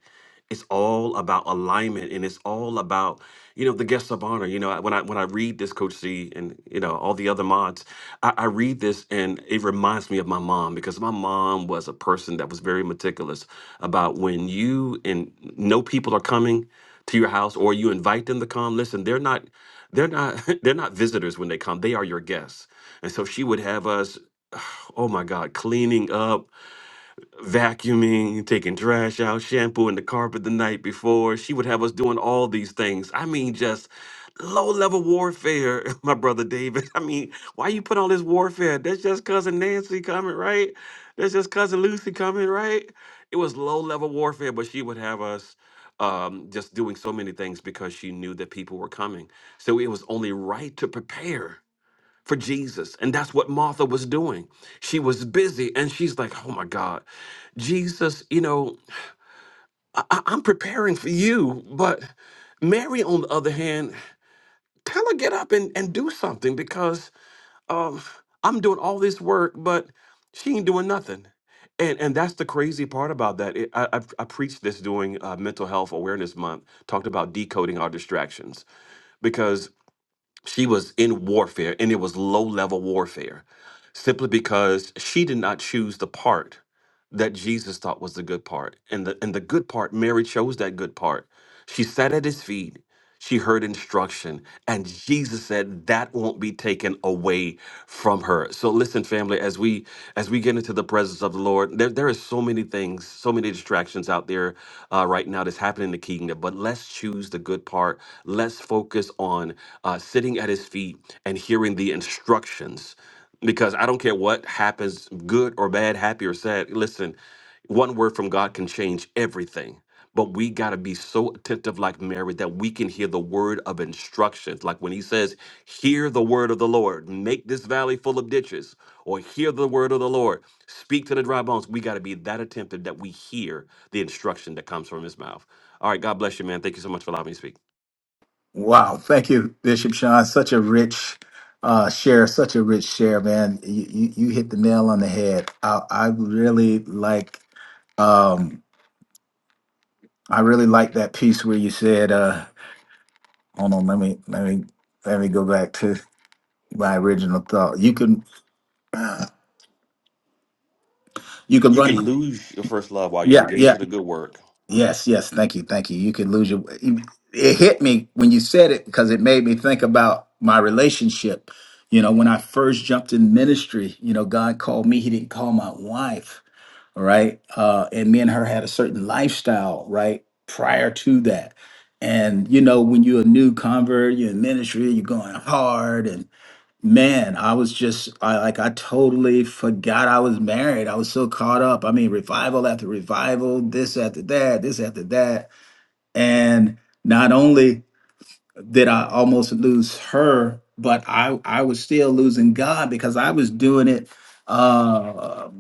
C: it's all about alignment and it's all about you know the guests of honor you know I- when i when i read this coach c and you know all the other mods I, I read this and it reminds me of my mom because my mom was a person that was very meticulous about when you and no people are coming to your house or you invite them to come listen they're not they're not they're not visitors when they come they are your guests and so she would have us oh my god cleaning up vacuuming, taking trash out, shampooing the carpet the night before. She would have us doing all these things. I mean, just low level warfare, my brother David. I mean, why you put all this warfare? That's just cousin Nancy coming, right? That's just cousin Lucy coming, right? It was low level warfare, but she would have us um, just doing so many things because she knew that people were coming. So it was only right to prepare for Jesus. And that's what Martha was doing. She was busy and she's like, oh my God, Jesus, you know, I- I- I'm preparing for you. But Mary, on the other hand, tell her get up and, and do something because um, I'm doing all this work, but she ain't doing nothing. And, and that's the crazy part about that. It, I, I, I preached this during uh, Mental Health Awareness Month, talked about decoding our distractions she was in warfare and it was low level warfare simply because she did not choose the part that Jesus thought was the good part and the and the good part Mary chose that good part she sat at his feet she heard instruction, and Jesus said that won't be taken away from her. So listen, family, as we as we get into the presence of the Lord, there there is so many things, so many distractions out there uh, right now that's happening in the kingdom. But let's choose the good part. Let's focus on uh, sitting at His feet and hearing the instructions, because I don't care what happens, good or bad, happy or sad. Listen, one word from God can change everything. But we got to be so attentive, like Mary, that we can hear the word of instructions. Like when he says, Hear the word of the Lord, make this valley full of ditches, or hear the word of the Lord, speak to the dry bones. We got to be that attentive that we hear the instruction that comes from his mouth. All right, God bless you, man. Thank you so much for allowing me to speak.
A: Wow. Thank you, Bishop Sean. Such a rich uh, share, such a rich share, man. You, you, you hit the nail on the head. I, I really like, um, I really like that piece where you said, uh, hold on, let me, let me, let me go back to my original thought. You can, you can
C: You can
A: run.
C: lose your first love while you're
A: Yeah. Yeah.
C: engaged in a good work
A: Yes, yes. Thank you. Thank you. You could lose your. It hit me when you said it because it made me think about my relationship. You know, when I first jumped in ministry, you know, God called me. He didn't call my wife. All right. Uh, and me and her had a certain lifestyle, right? Prior to that. And, you know, when you're a new convert, you're in ministry, you're going hard. Man, I was just I like I totally forgot I was married. I was so caught up. I mean, revival after revival, this after that, this after that. And not only did I almost lose her, but I I was still losing God because I was doing it Uh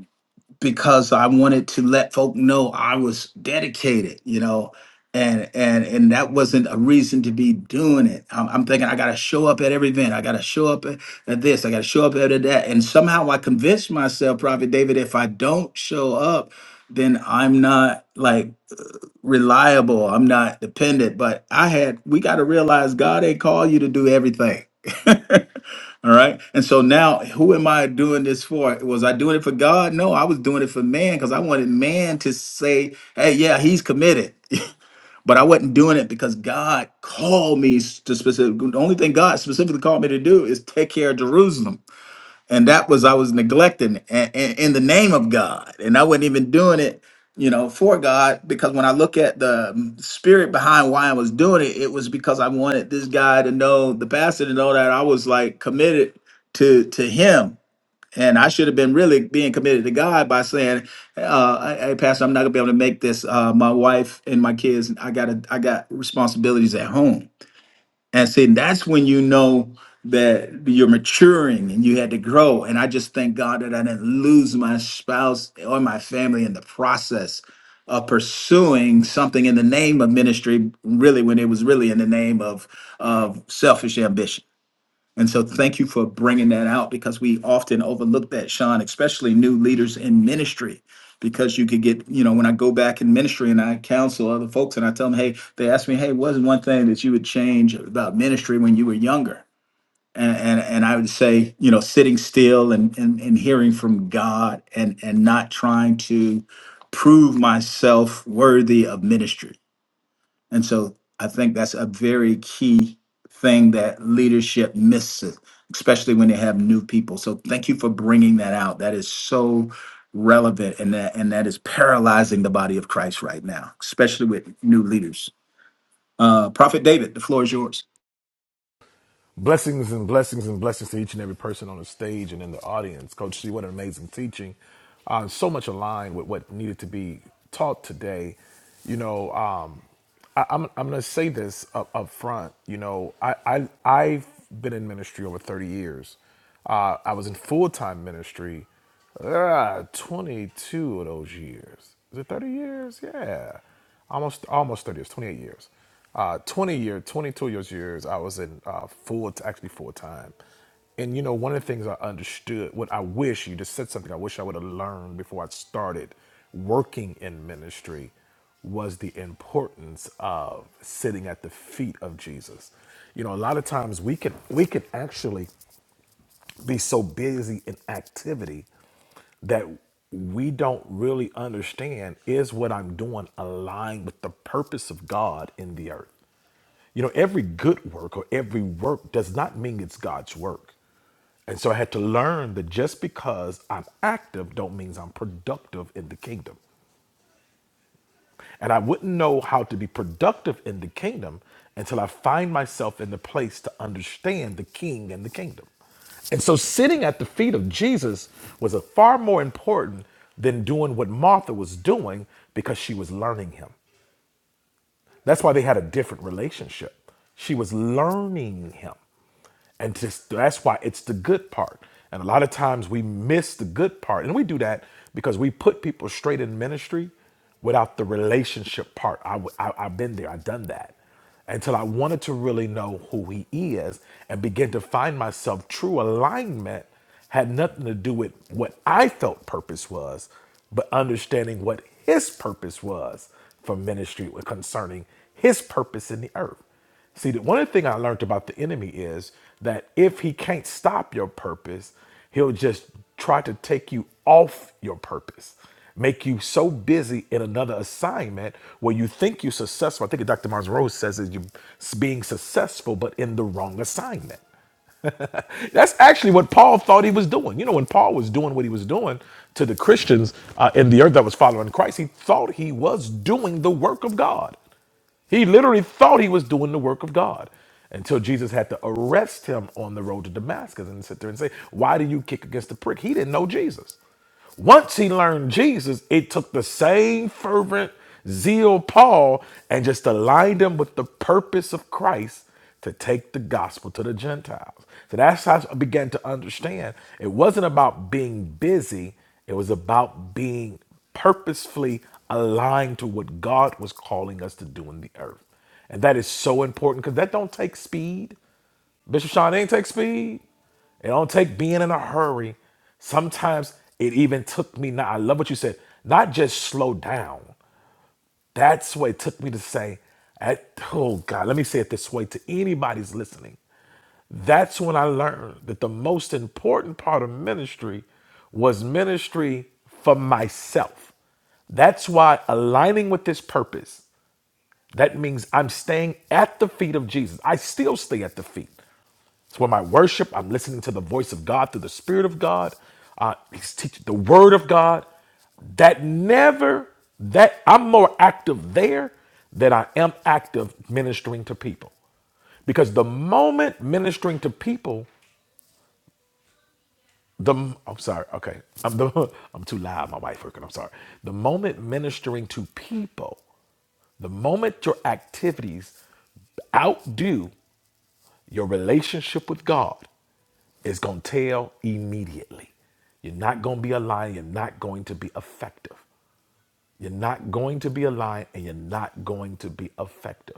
A: because I wanted to let folk know I was dedicated, you know, and and and that wasn't a reason to be doing it. I'm, I'm thinking I got to show up at every event. I got to show up at, at this. I got to show up at that. And somehow I convinced myself, Prophet David, if I don't show up, then I'm not like reliable. I'm not dependent. But I had we got to realize God ain't call you to do everything. All right. And so now, who am I doing this for? Was I doing it for God? No, I was doing it for man because I wanted man to say, hey, yeah, he's committed. But I wasn't doing it because God called me to specific. The only thing God specifically called me to do is take care of Jerusalem and that was I was neglecting a- a- in the name of God, and I wasn't even doing it, you know, for God. Because when I look at the mm, spirit behind why I was doing it, it was because I wanted this guy to know, the pastor to know that I was like committed to to him, and I should have been really being committed to God by saying, uh, "Hey, hey, pastor, I'm not gonna be able to make this. Uh, my wife and my kids, I got I got responsibilities at home." And see, that's when you know that you're maturing and you had to grow. And I just thank God that I didn't lose my spouse or my family in the process of pursuing something in the name of ministry, really, when it was really in the name of, of selfish ambition. And so thank you for bringing that out because we often overlook that, Sean, especially new leaders in ministry. Because you could get, you know, when I go back in ministry and I counsel other folks and I tell them, hey, they ask me, hey, what's one thing that you would change about ministry when you were younger? And and, and I would say, you know, sitting still and, and and hearing from God and and not trying to prove myself worthy of ministry and so I think that's a very key thing that leadership misses, especially when they have new people. So thank you for bringing that out. That is so relevant and that and that is paralyzing the body of Christ right now, especially with new leaders. Uh Prophet David, the floor is yours.
D: Blessings and blessings and blessings to each and every person on the stage and in the audience. Coach C, what an amazing teaching. Uh, so much aligned with what needed to be taught today. You know, um, I, I'm, I'm going to say this up, up front. You know, I, I, I've been in ministry over 30 years. Uh, I was in full time ministry uh, 22 of those years. Is it 30 years? Yeah. Almost, almost 30 years, 28 years uh, 20 year 22 years years i was in uh, full actually full time and you know one of the things i understood what i wish you just said something i wish i would have learned before i started working in ministry was the importance of sitting at the feet of jesus you know a lot of times we can we can actually be so busy in activity that we don't really understand is what i'm doing aligned with the purpose of god in the earth you know, every good work or every work does not mean it's God's work. And so I had to learn that just because I'm active don't means I'm productive in the kingdom. And I wouldn't know how to be productive in the kingdom until I find myself in the place to understand the king and the kingdom. And so sitting at the feet of Jesus was a far more important than doing what Martha was doing because she was learning him. That's why they had a different relationship. She was learning him. And just that's why it's the good part. And a lot of times we miss the good part. And we do that because we put people straight in ministry without the relationship part. I, w- I, have been there, I've done that until I wanted to really know who he is and begin to find myself true alignment had nothing to do with what I felt purpose was, but understanding what his purpose was for ministry concerning his purpose in the earth. See, the one of the thing I learned about the enemy is that if he can't stop your purpose, he'll just try to take you off your purpose, make you so busy in another assignment where you think you're successful. I think Dr. Mars Rose says is you being successful, but in the wrong assignment. That's actually what Paul thought he was doing. You know, when Paul was doing what he was doing to the Christians uh, in the earth that was following Christ, he thought he was doing the work of God. He literally thought he was doing the work of God until Jesus had to arrest him on the road to Damascus and sit there and say, Why do you kick against the prick? He didn't know Jesus. Once he learned Jesus, it took the same fervent zeal Paul and just aligned him with the purpose of Christ to take the gospel to the Gentiles. So that's how I began to understand it wasn't about being busy, it was about being purposefully aligned to what God was calling us to do in the earth. And that is so important because that don't take speed. Bishop Sean, it ain't take speed. It don't take being in a hurry. Sometimes it even took me now. I love what you said. Not just slow down. That's what it took me to say, at, oh God, let me say it this way to anybody's listening. That's when I learned that the most important part of ministry was ministry for myself. That's why aligning with this purpose that means I'm staying at the feet of Jesus. I still stay at the feet. It's where my worship, I'm listening to the voice of God through the Spirit of God. Uh, he's teaching the Word of God. That never, that I'm more active there than I am active ministering to people. Because the moment ministering to people the I'm sorry. Okay, I'm the I'm too loud. My wife working. I'm sorry. The moment ministering to people, the moment your activities outdo your relationship with God, is gonna tell immediately. You're not gonna be aligned. You're not going to be effective. You're not going to be aligned, and you're not going to be effective.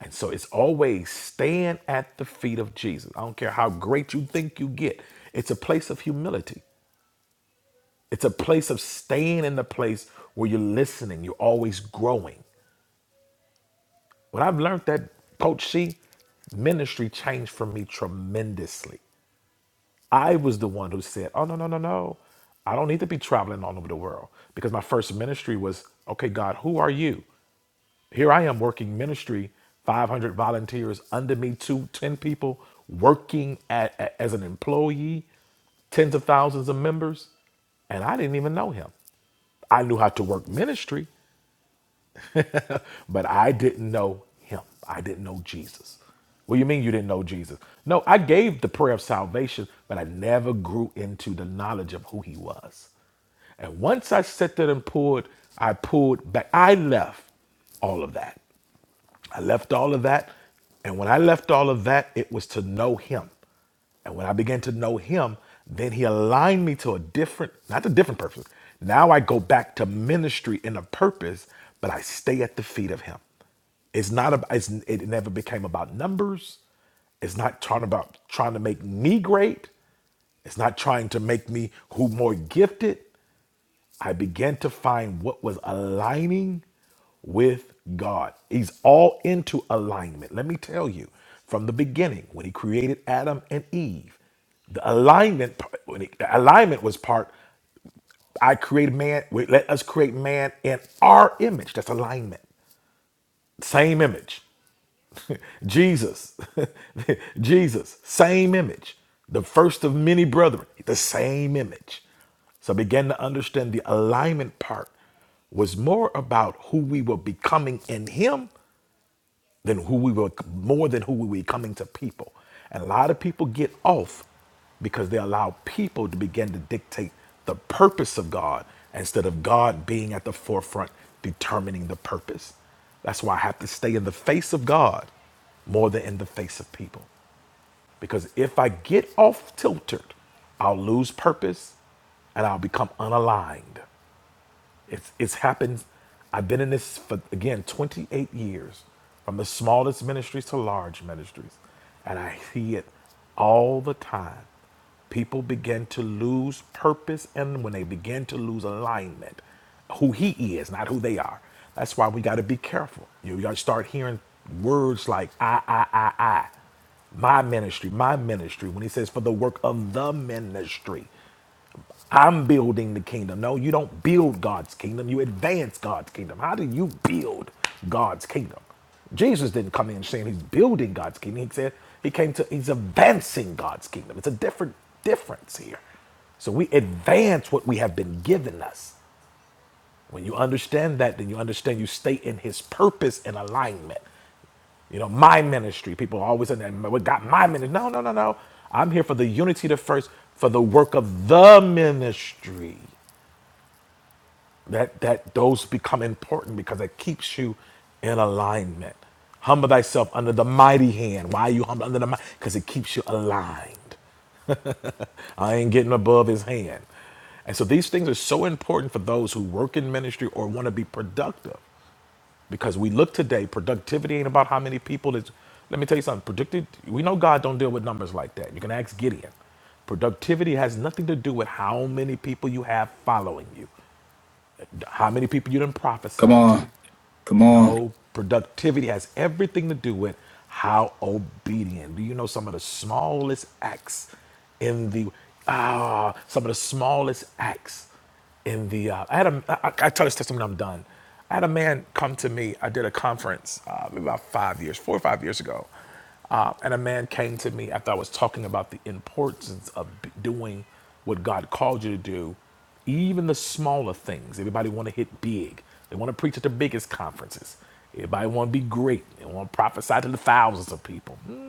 D: And so it's always staying at the feet of Jesus. I don't care how great you think you get. It's a place of humility. It's a place of staying in the place where you're listening, you're always growing. When I've learned that, Coach C, ministry changed for me tremendously. I was the one who said, Oh, no, no, no, no. I don't need to be traveling all over the world because my first ministry was, Okay, God, who are you? Here I am working ministry, 500 volunteers under me, two ten people working at, a- as an employee, tens of thousands of members, and I didn't even know him. I knew how to work ministry, but I didn't know him. I didn't know Jesus. What do you mean you didn't know Jesus? No, I gave the prayer of salvation, but I never grew into the knowledge of who he was. And once I sat there and poured, I pulled back. I left all of that. I left all of that. And when I left all of that, it was to know him. And when I began to know him, then he aligned me to a different, not a different purpose. Now I go back to ministry in a purpose, but I stay at the feet of him. It's not about it's, it never became about numbers. It's not trying about trying to make me great. It's not trying to make me who more gifted. I began to find what was aligning with God. He's all into alignment. Let me tell you, from the beginning, when he created Adam and Eve, the alignment part- when he, the alignment was part. I created man. Wait, let us create man in our image. That's alignment. Same image. Jesus, Jesus, same image. The first of many brethren, the same image. So I began to understand the alignment part was more about who we were becoming in Him than who we were, more than who we were coming to people. And a lot of people get off because they allow people to begin to dictate the purpose of God instead of God being at the forefront determining the purpose. That's why I have to stay in the face of God more than in the face of people. Because if I get off tilted, I'll lose purpose and I'll become unaligned. It's it's happened. I've been in this for again 28 years, from the smallest ministries to large ministries, and I see it all the time. People begin to lose purpose, and when they begin to lose alignment, who he is, not who they are. That's why we got to be careful. You got to start hearing words like I, I, I, I, my ministry, my ministry. When he says for the work of the ministry. I'm building the kingdom. No, you don't build God's kingdom. You advance God's kingdom. How do you build God's kingdom? Jesus didn't come in saying he's building God's kingdom. He said he came to he's advancing God's kingdom. It's a different difference here. So we advance what we have been given us. When you understand that, then you understand you stay in his purpose and alignment. You know, my ministry. People are always in that what got my ministry. No, no, no, no. I'm here for the unity the first, for the work of the ministry. that that those become important because it keeps you in alignment humble thyself under the mighty hand why are you humble under the mighty because it keeps you aligned i ain't getting above his hand and so these things are so important for those who work in ministry or want to be productive because we look today productivity ain't about how many people is let me tell you something predicted we know god don't deal with numbers like that you can ask gideon productivity has nothing to do with how many people you have following you how many people you didn't
A: Come
D: prophesy to.
A: on. Come on.
D: No, productivity has everything to do with how obedient. Do you know some of the smallest acts in the ah some of the smallest acts in the uh, I had a I, I tell this testimony I'm done. I had a man come to me. I did a conference uh, maybe about five years, four or five years ago, uh, and a man came to me after I was talking about the importance of b- doing what God called you to do, even the smaller things. Everybody want to hit big. They want to preach at the biggest conferences. Everybody want to be great. They want to prophesy to the thousands of people. Hmm.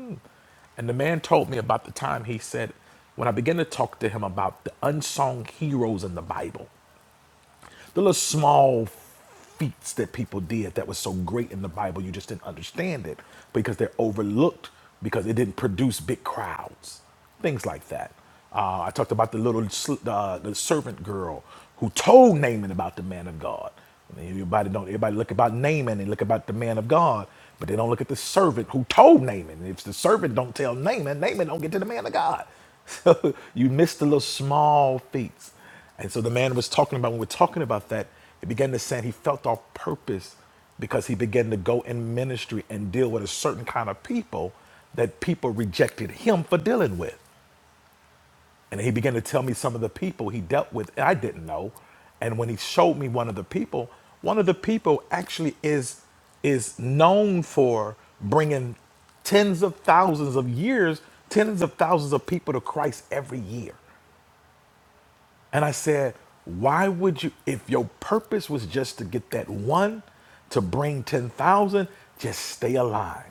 D: And the man told me about the time he said, when I began to talk to him about the unsung heroes in the Bible the little small feats that people did that was so great in the Bible, you just didn't understand it because they're overlooked because it didn't produce big crowds, things like that. Uh, I talked about the little sl- uh, the servant girl who told Naaman about the man of God. And Everybody don't everybody look about Naaman and look about the man of God, but they don't look at the servant who told Naaman. If the servant don't tell Naaman, Naaman don't get to the man of God. So you miss the little small feats. And so the man was talking about, when we're talking about that, he began to say he felt our purpose because he began to go in ministry and deal with a certain kind of people that people rejected him for dealing with. And he began to tell me some of the people he dealt with I didn't know. And when he showed me one of the people, one of the people actually is is known for bringing tens of thousands of years, tens of thousands of people to Christ every year. And I said, why would you, if your purpose was just to get that one, to bring 10,000, just stay aligned.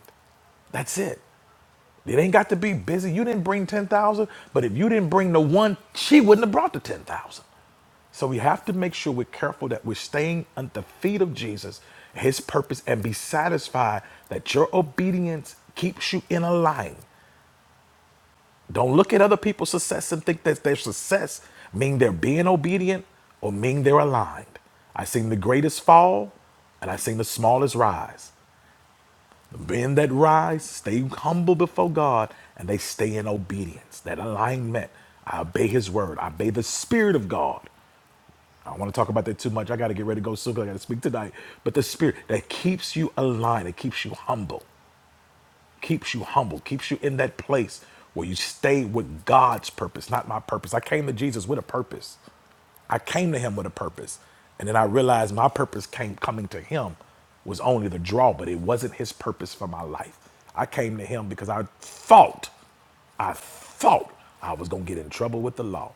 D: That's it. It ain't got to be busy. You didn't bring 10,000, but if you didn't bring the one, she wouldn't have brought the 10,000. So we have to make sure we're careful that we're staying at the feet of Jesus, his purpose, and be satisfied that your obedience keeps you in a line. Don't look at other people's success and think that their success mean they're being obedient or mean they're aligned. I seen the greatest fall and I seen the smallest rise. The men that rise stay humble before God and they stay in obedience. That alignment. I obey his word. I obey the spirit of God. I don't want to talk about that too much. I got to get ready to go soon 'cause I got to speak tonight. But the spirit that keeps you aligned, it keeps you humble keeps you humble, keeps you in that place where you stay with God's purpose, not my purpose. I came to Jesus with a purpose. I came to him with a purpose. And then I realized my purpose came coming to him was only the draw, but it wasn't his purpose for my life. I came to him because I thought, I thought I was gonna get in trouble with the law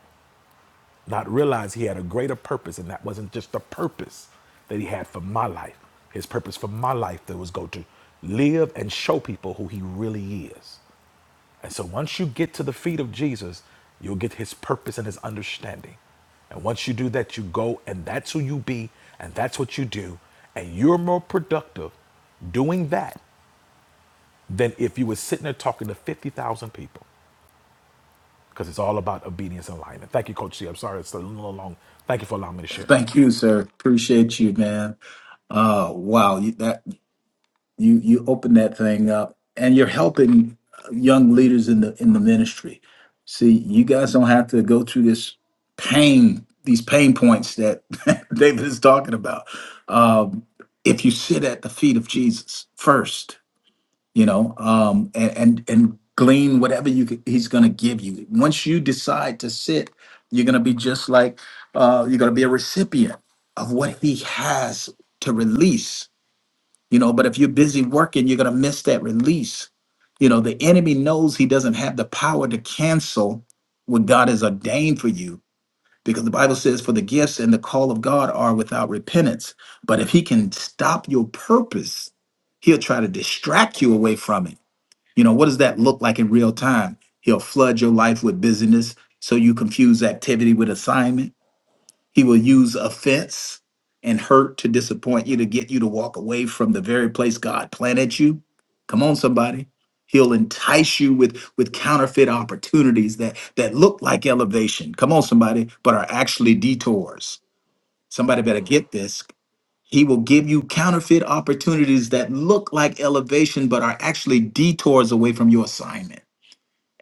D: not realize he had a greater purpose, and that wasn't just the purpose that he had for my life. His purpose for my life that was go to live and show people who he really is. And so once you get to the feet of Jesus, you'll get his purpose and his understanding. And once you do that, you go and that's who you be and that's what you do. And you're more productive doing that than if you were sitting there talking to 50,000 people because it's all about obedience and alignment. Thank you, Coach C. I'm sorry it's a little long. Thank you for allowing me to share.
A: Thank you, sir. Appreciate you, man. Oh, wow. You- That you you open that thing up and you're helping uh, young leaders in the in the ministry see you guys don't have to go through this pain these pain points that david is talking about um, if you sit at the feet of jesus first you know um, and and, and glean whatever you c- he's going to give you once you decide to sit you're going to be just like uh, you're going to be a recipient of what he has to release you know but if you're busy working you're going to miss that release you know the enemy knows he doesn't have the power to cancel what god has ordained for you because the bible says for the gifts and the call of god are without repentance but if he can stop your purpose he'll try to distract you away from it you know what does that look like in real time he'll flood your life with busyness so you confuse activity with assignment he will use offense and hurt to disappoint you, to get you to walk away from the very place God planted you. Come on, somebody. He'll entice you with, with counterfeit opportunities that, that look like elevation. Come on, somebody, but are actually detours. Somebody better get this. He will give you counterfeit opportunities that look like elevation, but are actually detours away from your assignment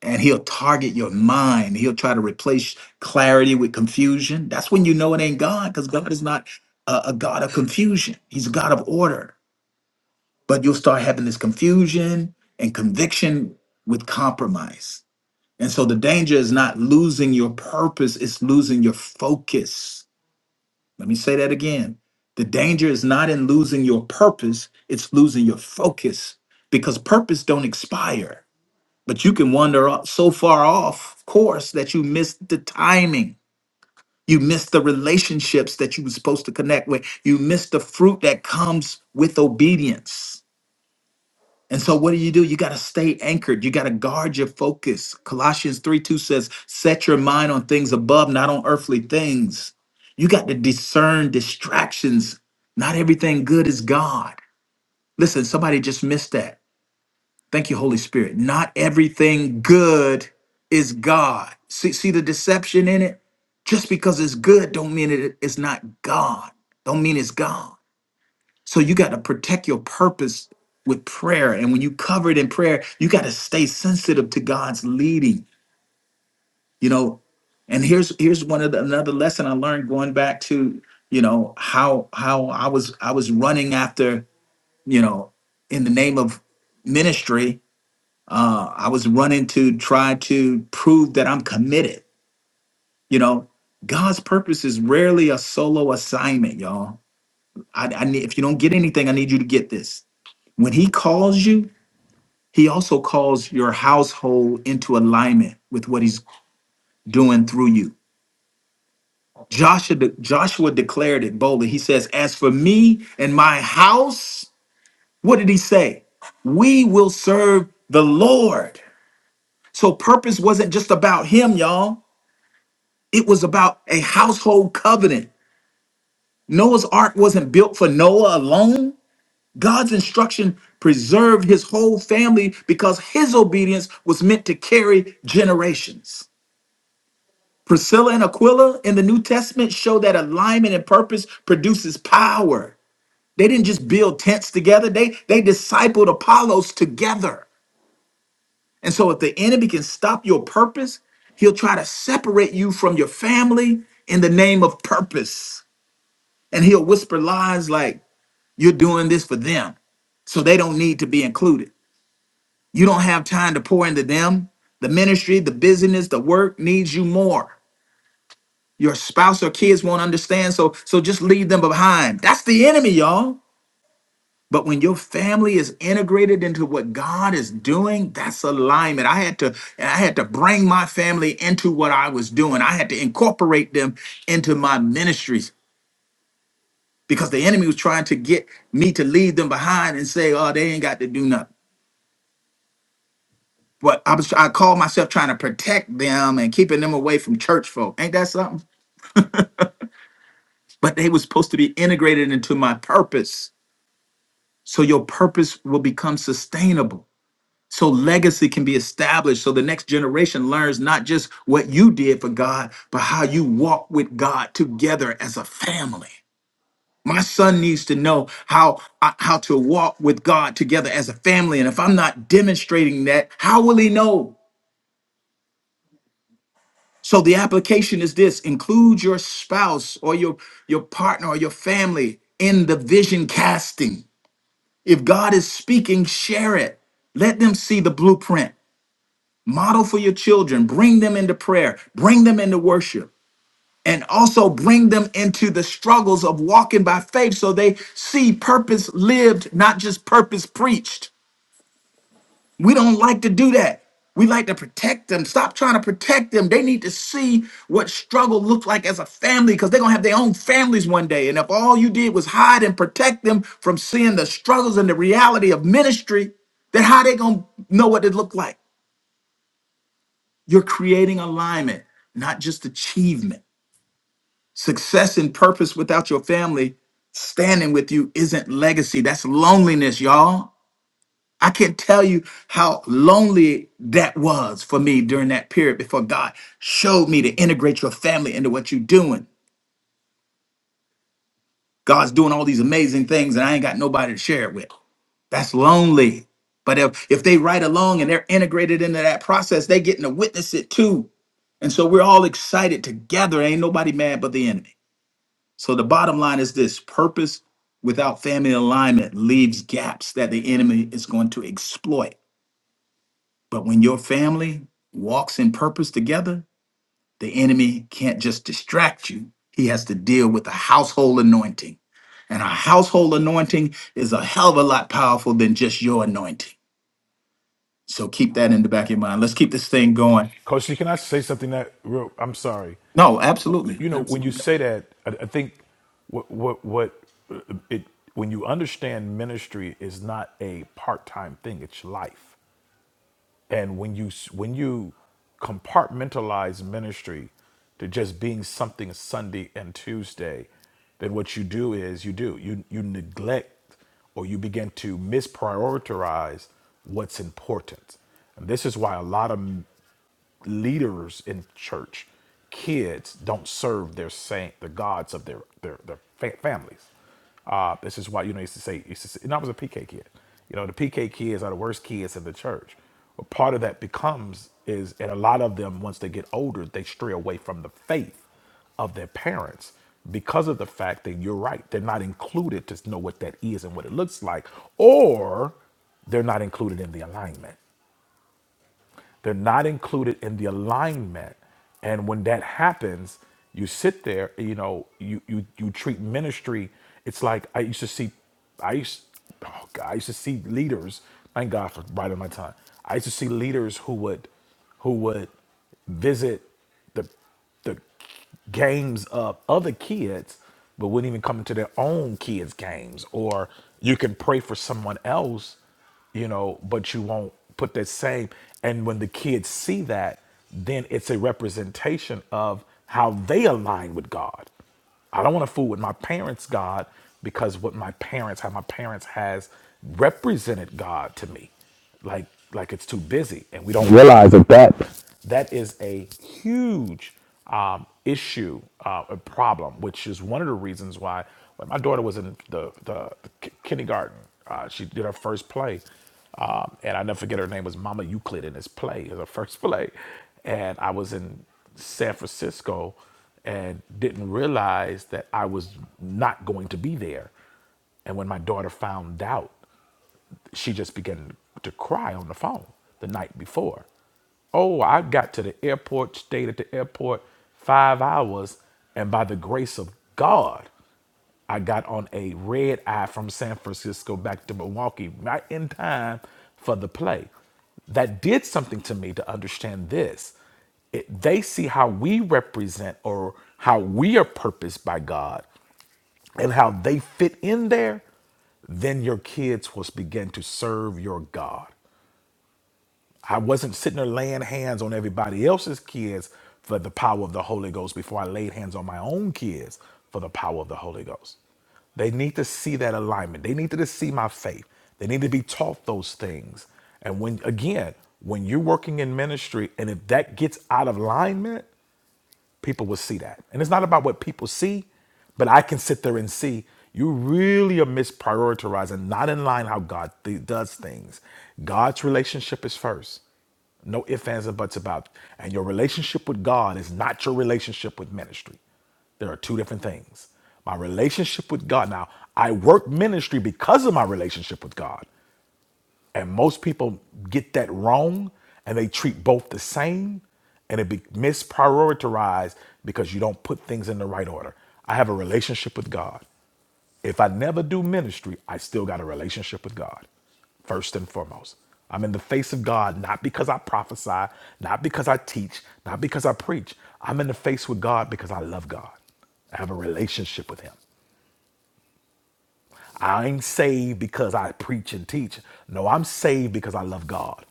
A: and he'll target your mind. He'll try to replace clarity with confusion. That's when you know it ain't God, because God is not a, a God of confusion. He's a God of order. But you'll start having this confusion and conviction with compromise. And so the danger is not losing your purpose, it's losing your focus. Let me say that again. The danger is not in losing your purpose, it's losing your focus because purpose don't expire but you can wander off- so far off course that you miss the timing. You miss the relationships that you were supposed to connect with. You miss the fruit that comes with obedience. And so what do you do? You got to stay anchored. You got to guard your focus. Colossians 3 2 says, set your mind on things above, not on earthly things. You got to discern distractions. Not everything good is God. Listen, somebody just missed that. Thank you, Holy Spirit. Not everything good is God. See, see the deception in it? Just because it's good don't mean it, it's not God. Don't mean it's God. So you got to protect your purpose with prayer. And when you cover it in prayer, you got to stay sensitive to God's leading, you know. And here's here's one of the, another lesson I learned going back to, you know, how how I was I was running after, you know, in the name of ministry uh, I was running to try to prove that I'm committed. You know, God's purpose is rarely a solo assignment, y'all. I, I need, if you don't get anything, I need you to get this. When He calls you, He also calls your household into alignment with what He's doing through you. Joshua, de- Joshua declared it boldly. He says, "As for me and my house, what did He say? We will serve the Lord." So purpose wasn't just about Him, y'all. It was about a household covenant. Noah's ark wasn't built for Noah alone. God's instruction preserved his whole family because his obedience was meant to carry generations. Priscilla and Aquila in the New Testament show that alignment and purpose produces power. They didn't just build tents together, they, they discipled Apollos together. And so, if the enemy can stop your purpose, he'll try to separate you from your family in the name of purpose. And he'll whisper lies like, you're doing this for them. So they don't need to be included. You don't have time to pour into them. The ministry, the business, the work needs you more. Your spouse or kids won't understand. So, so just leave them behind. That's the enemy, y'all. But when your family is integrated into what God is doing, that's alignment. I had to, I had to bring my family into what I was doing. I had to incorporate them into my ministries. because the enemy was trying to get me to leave them behind and say, "Oh, they ain't got to do nothing." But I was I called myself trying to protect them and keeping them away from church folk. Ain't that something? But they was supposed to be integrated into my purpose. So your purpose will become sustainable. So legacy can be established. So the next generation learns not just what you did for God, but how you walk with God together as a family. My son needs to know how uh, how to walk with God together as a family, and if I'm not demonstrating that, how will he know? So the application is this: include your spouse or your your partner or your family in the vision casting. If God is speaking, share it. Let them see the blueprint. Model for your children. Bring them into prayer. Bring them into worship. and also bring them into the struggles of walking by faith so they see purpose lived, not just purpose preached. We don't like to do that. We like to protect them. Stop trying to protect them. They need to see what struggle looked like as a family because they're going to have their own families one day. And if all you did was hide and protect them from seeing the struggles and the reality of ministry, then how they going to know what it looked like? You're creating alignment, not just achievement. Success and purpose without your family standing with you isn't legacy. That's loneliness, y'all. I can't tell you how lonely that was for me during that period before God showed me to integrate your family into what you're doing. God's doing all these amazing things and I ain't got nobody to share it with. That's lonely. But if, if they ride along and they're integrated into that process, they're getting to witness it too. And so we're all excited together. Ain't nobody mad but the enemy. So the bottom line is this purpose without family alignment leaves gaps that the enemy is going to exploit. But when your family walks in purpose together, the enemy can't just distract you. He has to deal with a household anointing. And a household anointing is a hell of a lot powerful than just your anointing. So keep that in the back of your mind. Let's keep this thing going.
D: Coach, T, can I say something that real? I'm sorry.
A: No, absolutely.
D: You know, when you say that, I, I think what what what uh, it when you understand ministry is not a part time thing; it's life. And when you when you compartmentalize ministry to just being something Sunday and Tuesday, then what you do is you do you you neglect or you begin to misprioritize what's important. And this is why a lot of leaders in church, kids don't serve their saint, the gods of their their, their fa- families. Uh, this is why you know I used to say, I used to say, and I was a PK kid. You know, the PK kids are the worst kids in the church. But part of that becomes is, and a lot of them once they get older, they stray away from the faith of their parents because of the fact that you're right, they're not included to know what that is and what it looks like, or they're not included in the alignment. They're not included in the alignment. And when that happens, you sit there, you know, you you you treat ministry. It's like I used to see, I used, oh God, I used to see leaders. Thank God for biding my time. I used to see leaders who would, who would visit the the games of other kids, but wouldn't even come into their own kids' games. Or you can pray for someone else, you know, but you won't put that same. And when the kids see that, then it's a representation of how they align with God. I don't want to fool with my parents' God because what my parents, how my parents has represented God to me, like like it's too busy, and we don't realize of that. That is a huge um, issue, uh, a problem, which is one of the reasons why when my daughter was in the, the, the ki- kindergarten, uh, she did her first play. Um, and I never forget her name was Mama Euclid in this play, it was her first play. And I was in San Francisco and didn't realize that I was not going to be there. And when my daughter found out, she just began to cry on the phone the night before. Oh, I got to the airport, stayed at the airport five hours, and by the grace of God, I got on a red eye from San Francisco back to Milwaukee right in time for the play. That did something to me to understand this. It, they see how we represent or how we are purposed by God and how they fit in there, then your kids will begin to serve your God. I wasn't sitting there laying hands on everybody else's kids for the power of the Holy Ghost before I laid hands on my own kids for the power of the Holy Ghost. They need to see that alignment. They need to see my faith. They need to be taught those things. And when, again, when you're working in ministry and if that gets out of alignment, people will see that. And it's not about what people see, but I can sit there and see you really are misprioritizing, not in line how God th- does things. God's relationship is first. No ifs, ands, or buts about. it. And your relationship with God is not your relationship with ministry. There are two different things. My relationship with God. Now, I work ministry because of my relationship with God. And most people get that wrong and they treat both the same and it be misprioritized because you don't put things in the right order. I have a relationship with God. If I never do ministry, I still got a relationship with God, first and foremost. I'm in the face of God not because I prophesy, not because I teach, not because I preach. I'm in the face with God because I love God. I have a relationship with Him. I ain't saved because I preach and teach. No, I'm saved because I love God.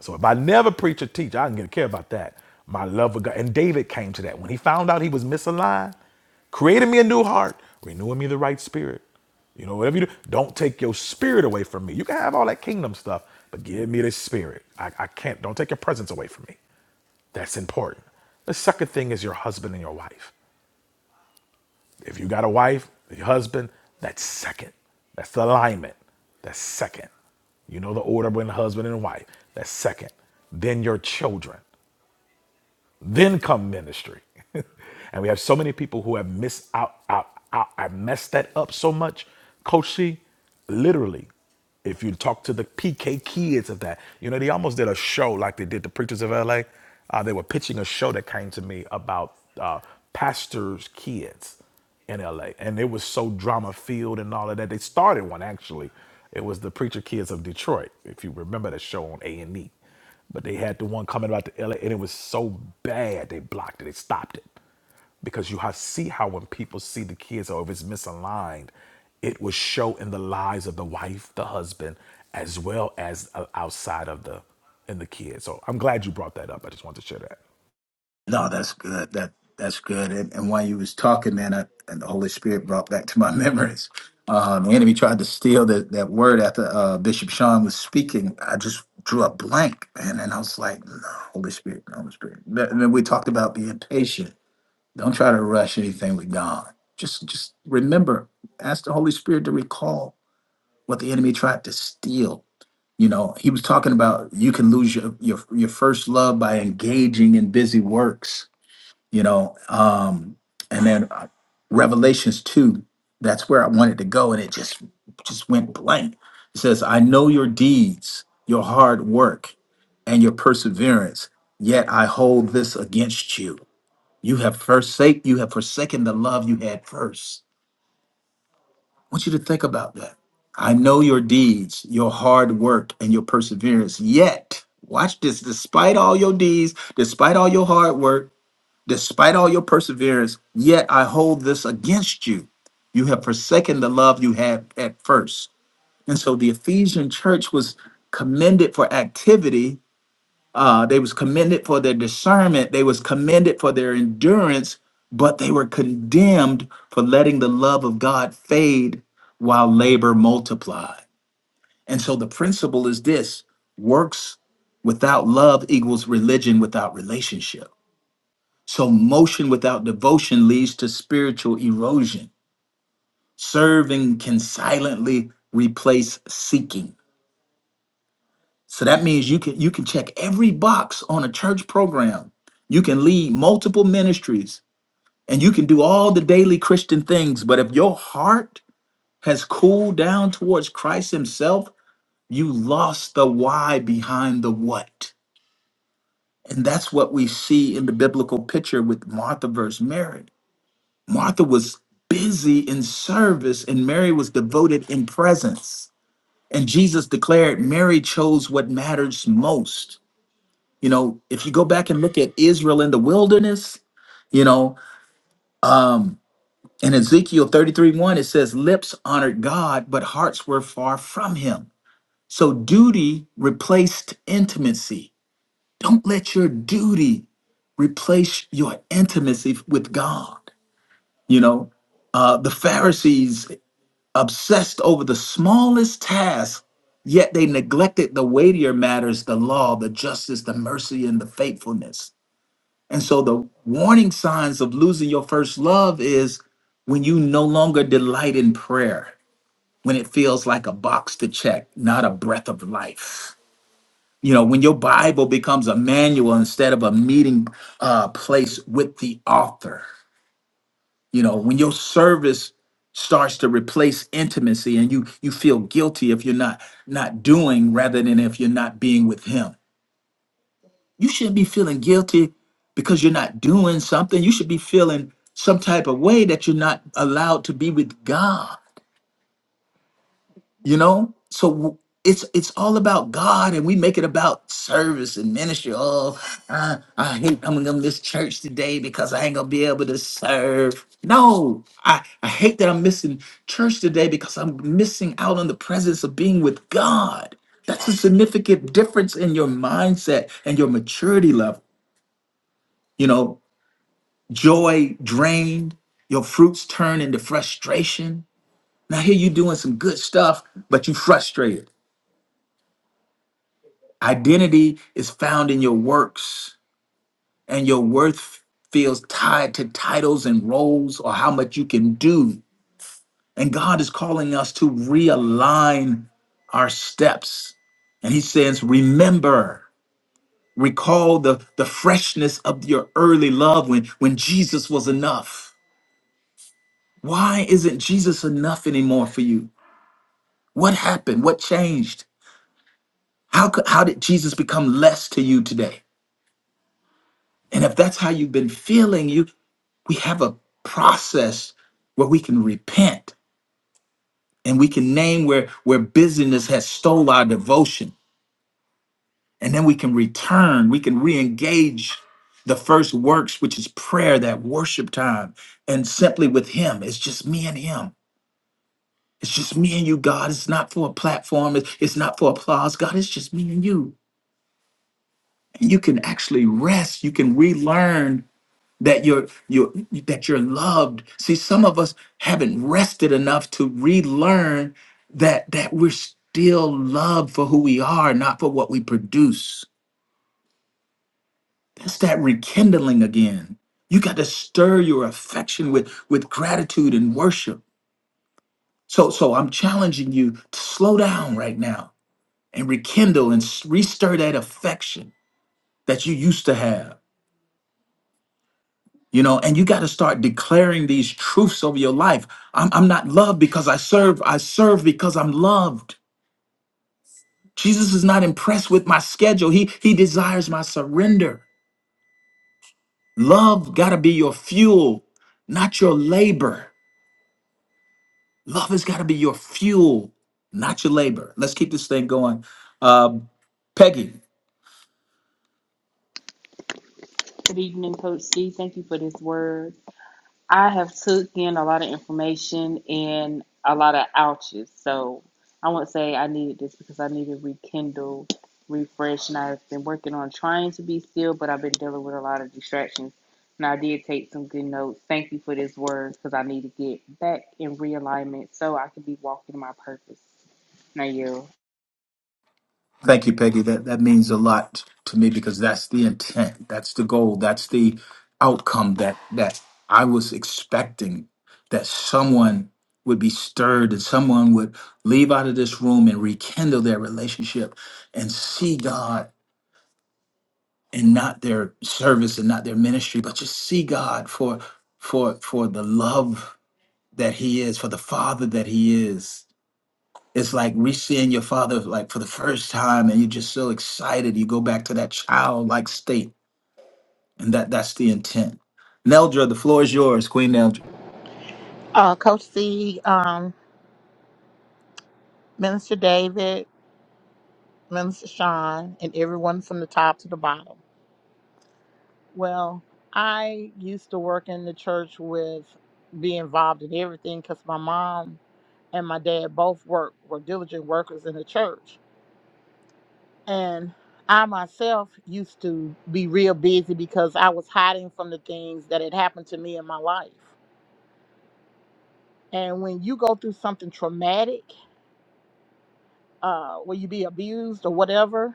D: So if I never preach or teach, I don't care about that. My love of God. And David came to that. When he found out he was misaligned, created me a new heart, renewing me the right spirit. You know, whatever you do, don't take your spirit away from me. You can have all that kingdom stuff, but give me the spirit. I, I can't, don't take your presence away from me. That's important. The second thing is your husband and your wife. If you got a wife, your husband, that's second. That's the alignment. That's second. You know the order when husband and wife. That's second. Then your children. Then come ministry. and we have so many people who have missed out, out, out. I messed that up so much. Coach C, literally, if you talk to the PK kids of that, you know, they almost did a show like they did the Preachers of LA. Uh, they were pitching a show that came to me about uh, pastors' kids in LA. And it was so drama filled and all of that. They started one actually. It was the Preacher Kids of Detroit, if you remember that show on A and E. But they had the one coming about to LA and it was so bad they blocked it. They stopped it. Because you ha see how when people see the kids or if it's misaligned, it will show in the lives of the wife, the husband, as well as uh, outside of the in the kids. So I'm glad you brought that up. I just wanted to share that.
A: No, that's good. That that's good. And, and while you was talking, man, I, and the Holy Spirit brought back to my memories. Um, the enemy tried to steal that, that word after uh, Bishop Sean was speaking. I just drew a blank, man, and I was like, no, Holy Spirit, no, Holy Spirit. Th- And then we talked about being patient. Don't try to rush anything with God. Just just remember, ask the Holy Spirit to recall what the enemy tried to steal. You know, he was talking about you can lose your your, your first love by engaging in busy works you know um and then uh, revelations 2 that's where i wanted to go and it just just went blank it says i know your deeds your hard work and your perseverance yet i hold this against you you have forsake you have forsaken the love you had first i want you to think about that i know your deeds your hard work and your perseverance yet watch this despite all your deeds despite all your hard work Despite all your perseverance, yet I hold this against you. You have forsaken the love you had at first. And so the Ephesian church was commended for activity. Uh, they was commended for their discernment. They was commended for their endurance, but they were condemned for letting the love of God fade while labor multiplied. And so the principle is this works without love equals religion without relationship so, motion without devotion leads to spiritual erosion. Serving can silently replace seeking. So that means you can you can check every box on a church program. You can lead multiple ministries and you can do all the daily Christian things, but if your heart has cooled down towards Christ himself, you lost the why behind the what. And that's what we see in the biblical picture with Martha versus Mary Martha was busy in service and Mary was devoted in presence. And Jesus declared Mary chose what matters most. You know, if you go back and look at Israel in the wilderness, you know, um, in Ezekiel 33 1, it says, Lips honored God, but hearts were far from him. So duty replaced intimacy. Don't let your duty replace your intimacy with God. You know, uh, the Pharisees obsessed over the smallest tasks, yet they neglected the weightier matters the law, the justice, the mercy, and the faithfulness. And so the warning signs of losing your first love is when you no longer delight in prayer, when it feels like a box to check, not a breath of life. You know, when your Bible becomes a manual instead of a meeting uh, place with the author you know when your service starts to replace intimacy and you you feel guilty if you're not not doing rather than if you're not being with him you shouldn't be feeling guilty because you're not doing something you should be feeling some type of way that you're not allowed to be with god you know so w- it's it's all about god and we make it about service and ministry oh i, I hate coming to this church today because i ain't gonna be able to serve no I, I hate that i'm missing church today because i'm missing out on the presence of being with god that's a significant difference in your mindset and your maturity level you know joy drained your fruits turn into frustration now here you doing some good stuff but you frustrated Identity is found in your works, and your worth feels tied to titles and roles or how much you can do. And God is calling us to realign our steps. And He says, Remember, recall the, the freshness of your early love when, when Jesus was enough. Why isn't Jesus enough anymore for you? What happened? What changed? How, could, how did Jesus become less to you today? And if that's how you've been feeling, you." we have a process where we can repent and we can name where where busyness has stole our devotion and then we can return we can re-engage the first works which is prayer that worship time and simply with him it's just me and him it's just me and you god it's not for a platform it's it's not for applause god it's just me and you and you can actually rest you can relearn that you're you're that you're loved see some of us haven't rested enough to relearn that that we're still loved for who we are not for what we produce that's that rekindling again you got to stir your affection with with gratitude and worship so so i'm challenging you to slow down right now and rekindle and s- restir that affection that you used to have you know and you got to start declaring these truths over your life I'm, I'm not loved because i serve i serve because i'm loved jesus is not impressed with my schedule he he desires my surrender love got to be your fuel not your labor love has got to be your fuel not your labor let's keep this thing going Um, peggy
E: Good evening, Coach C. Thank you for this word. I have took in a lot of information and a lot of ouches. So I won't say I needed this because I need to rekindle, refresh, and I've been working on trying to be still, but I've been dealing with a lot of distractions. And I did take some good notes. Thank you for this word because I need to get back in realignment so I can be walking my purpose. Now you.
A: Thank you, Peggy. That that means a lot to me because that's the intent. That's the goal. That's the outcome that that I was expecting that someone would be stirred and someone would leave out of this room and rekindle their relationship and see God and not their service and not their ministry, but just see God for for for the love that he is, for the father that he is it's like re-seeing your father like for the first time and you're just so excited you go back to that childlike state and that that's the intent neldra the floor is yours queen neldra
F: Uh, Coach C, um, Minister David, Minister Sean, and everyone from the top to the bottom. Well, I used to work in the church with be involved in everything because my mom and my dad both work were diligent workers in the church, and I myself used to be real busy because I was hiding from the things that had happened to me in my life. And when you go through something traumatic, uh, where you be abused or whatever,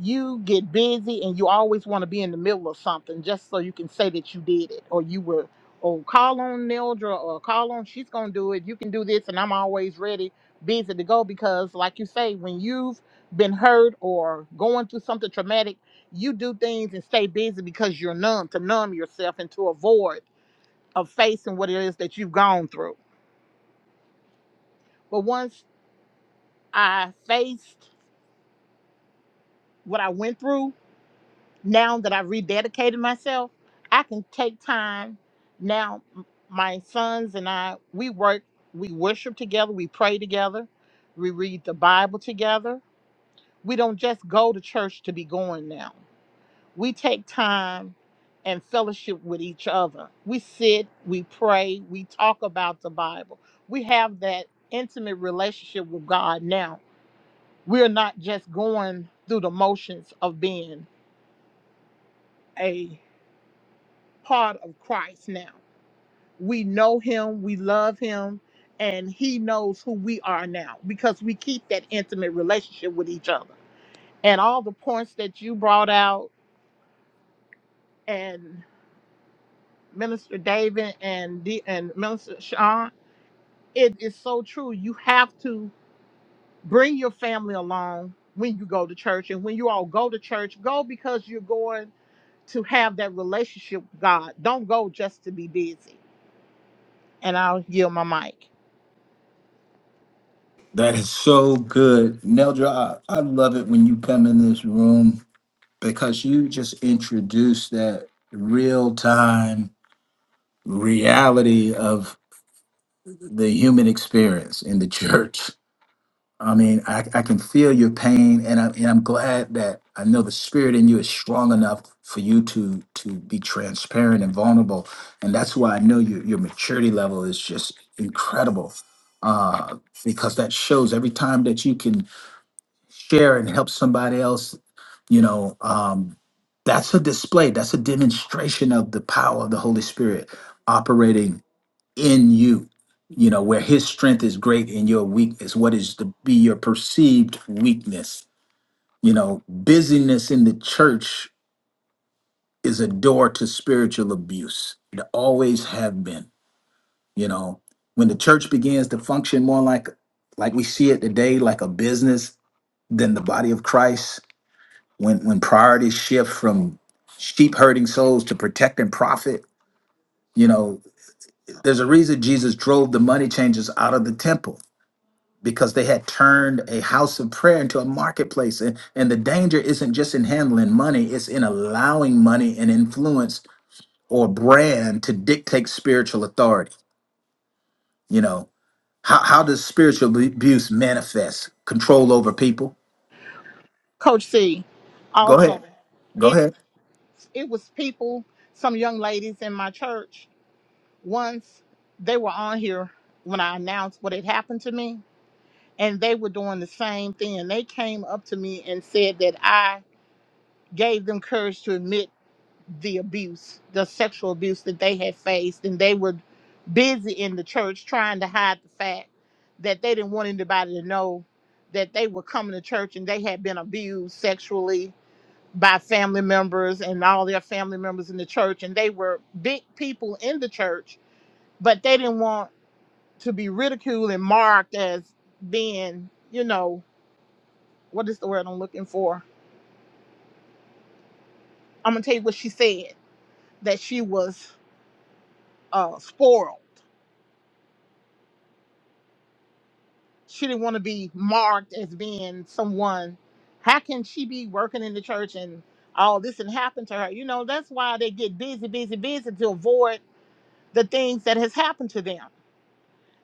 F: you get busy and you always want to be in the middle of something just so you can say that you did it or you were or call on Neldra or call on she's gonna do it. You can do this and I'm always ready, busy to go because like you say, when you've been hurt or going through something traumatic, you do things and stay busy because you're numb to numb yourself and to avoid of facing what it is that you've gone through. But once I faced what I went through, now that I've rededicated myself, I can take time. Now, m- my sons and I, we work, we worship together, we pray together, we read the Bible together. We don't just go to church to be going now. We take time and fellowship with each other. We sit, we pray, we talk about the Bible. We have that intimate relationship with God now. We're not just going through the motions of being a part of Christ now. We know him, we love him, and he knows who we are now because we keep that intimate relationship with each other. And all the points that you brought out and Minister David and D- and Minister Sean, it is so true. You have to bring your family along when you go to church and when you all go to church, go because you're going to have that relationship with God. Don't go just to be busy. And I'll yield my mic.
A: that is so good neldra i, I love it when you come in this room because you just introduce that real time reality of the human experience in the church I mean, I, I can feel your pain, and I'm and I'm glad that I know the spirit in you is strong enough for you to to be transparent and vulnerable, and that's why I know your your maturity level is just incredible, uh, because that shows every time that you can share and help somebody else, you know, um, that's a display, that's a demonstration of the power of the Holy Spirit operating in you you know where his strength is great in your weakness what is to be your perceived weakness you know busyness in the church is a door to spiritual abuse it always have been you know when the church begins to function more like like we see it today like a business than the body of christ when when priorities shift from sheep herding souls to protect and profit you know there's a reason jesus drove the money changers out of the temple because they had turned a house of prayer into a marketplace. And, and the danger isn't just in handling money, it's in allowing money and influence or brand to dictate spiritual authority. You know, how, how does spiritual abu- abuse manifest? Control over people?
F: Coach C,
A: Go
F: also,
A: ahead. Go
F: it
A: ahead.
F: it was people, some young ladies in my church. Once they were on here when I announced what had happened to me, and they were doing the same thing. They came up to me and said that I gave them courage to admit the abuse, the sexual abuse that they had faced, and they were busy in the church trying to hide the fact that they didn't want anybody to know that they were coming to church and they had been abused sexually by family members and all their family members in the church, and they were big people in the church, but they didn't want to be ridiculed and marked as being, you know, what is the word I'm looking for? I'm gonna tell you what she said that she was uh, spoiled. She didn't want to be marked as being someone. How can she be working in the church and all this and happen to her? You know, that's why they get busy, busy, busy to avoid the things that has happened to them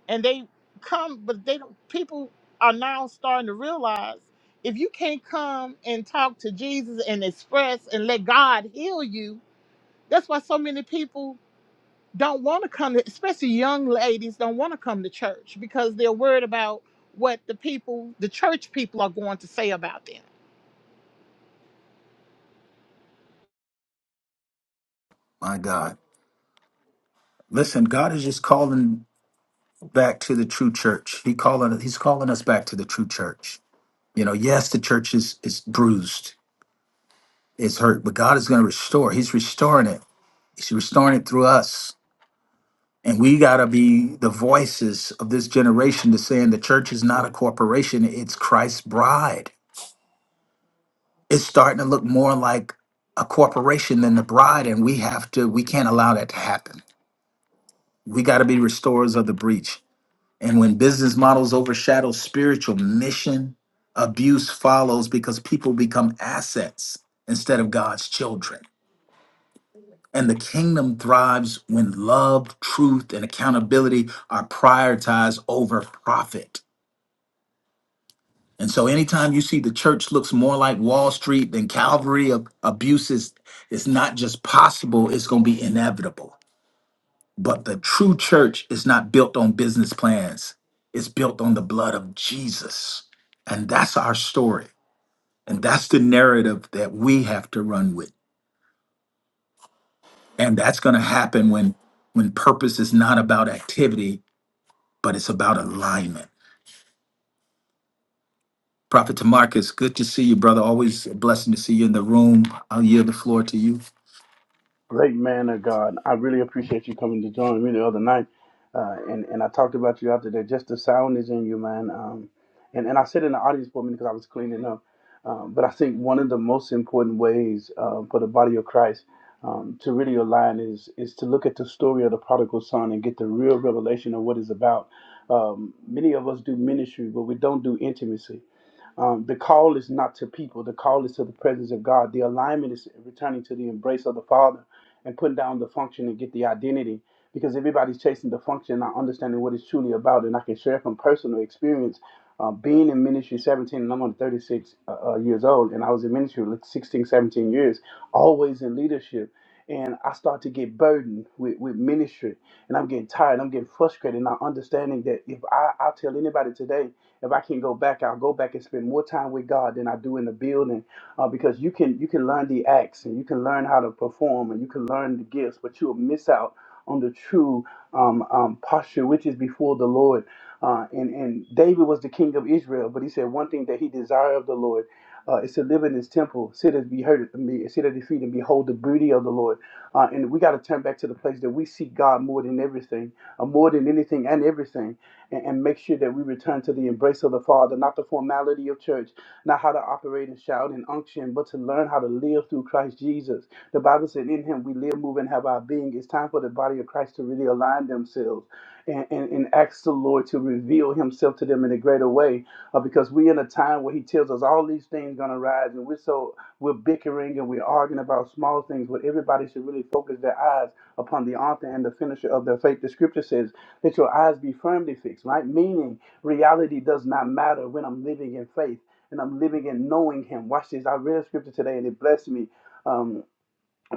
F: and they come but they don't people are now starting to realize if you can't come and talk to jesus and express and let god heal you that's why so many people don't want to come to, especially young ladies don't want to come to church because they're worried about what the people the church people are going to say about them
A: My God. Listen, God is just calling back to the true church. He calling he's calling us back to the true church. You know, yes, the church is is bruised, is hurt, but God is going to restore. He's restoring it He's restoring it through us. And we got to be the voices of this generation to saying the church is not a corporation, it's Christ's bride. It's starting to look more like a corporation than the bride. And we have to, we can't allow that to happen. We got to be restorers of the breach. And when business models overshadow spiritual mission, abuse follows because people become assets instead of God's children. And the kingdom thrives when love, truth, and accountability are prioritized over profit. And so, anytime you see the church looks more like Wall Street than Calvary, ab- abuse is, is not just possible, it's going to be inevitable. But the true church is not built on business plans, it's built on the blood of Jesus. And that's our story. And that's the narrative that we have to run with. And that's going to happen when when purpose is not about activity but it's about alignment. Prophet Tamarcus, good to see you, brother. Always a blessing to see you in the room. I'll yield the floor to you.
G: Great man of God. I really appreciate you coming to join me the other night. Uh, and, and I talked about you out there. Just the sound is in you, man. Um, and, and I sit in the audience for a minute because I was cleaning up. Um, but I think one of the most important ways uh, for the body of Christ um, to really align is, is to look at the story of the prodigal son and get the real revelation of what it's about. Um, many of us do ministry, but we don't do intimacy. Um, the call is not to people, the call is to the presence of God. The alignment is returning to the embrace of the Father and putting down the function and get the identity because everybody's chasing the function, not understanding what it's truly about. And I can share from personal experience uh, being in ministry 17, and I'm only 36 uh, uh, years old, and I was in ministry like 16, 17 years, always in leadership and I start to get burdened with, with ministry and I'm getting tired, I'm getting frustrated, not understanding that if I, I will tell anybody today, if I can go back, I'll go back and spend more time with God than I do in the building. Uh, because you can you can learn the acts and you can learn how to perform and you can learn the gifts, but you'll miss out on the true um, um, posture which is before the Lord. Uh, and, and David was the king of Israel, but he said one thing that he desired of the Lord uh, is to live in his temple, sit and be heard at me, sit at his feet and behold the beauty of the Lord. Uh, and we got to turn back to the place that we seek God more than everything, uh, more than anything and everything, and, and make sure that we return to the embrace of the Father, not the formality of church, not how to operate and shout and unction, but to learn how to live through Christ Jesus. The Bible said, In him we live, move, and have our being. It's time for the body of Christ to really align themselves and, and, and ask the Lord to reveal himself to them in a greater way uh, because we're in a time where he tells us all these things going to rise and we're so we're bickering and we're arguing about small things but everybody should really focus their eyes upon the author and the finisher of their faith the scripture says that your eyes be firmly fixed right meaning reality does not matter when i'm living in faith and i'm living in knowing him watch this i read a scripture today and it blessed me Um,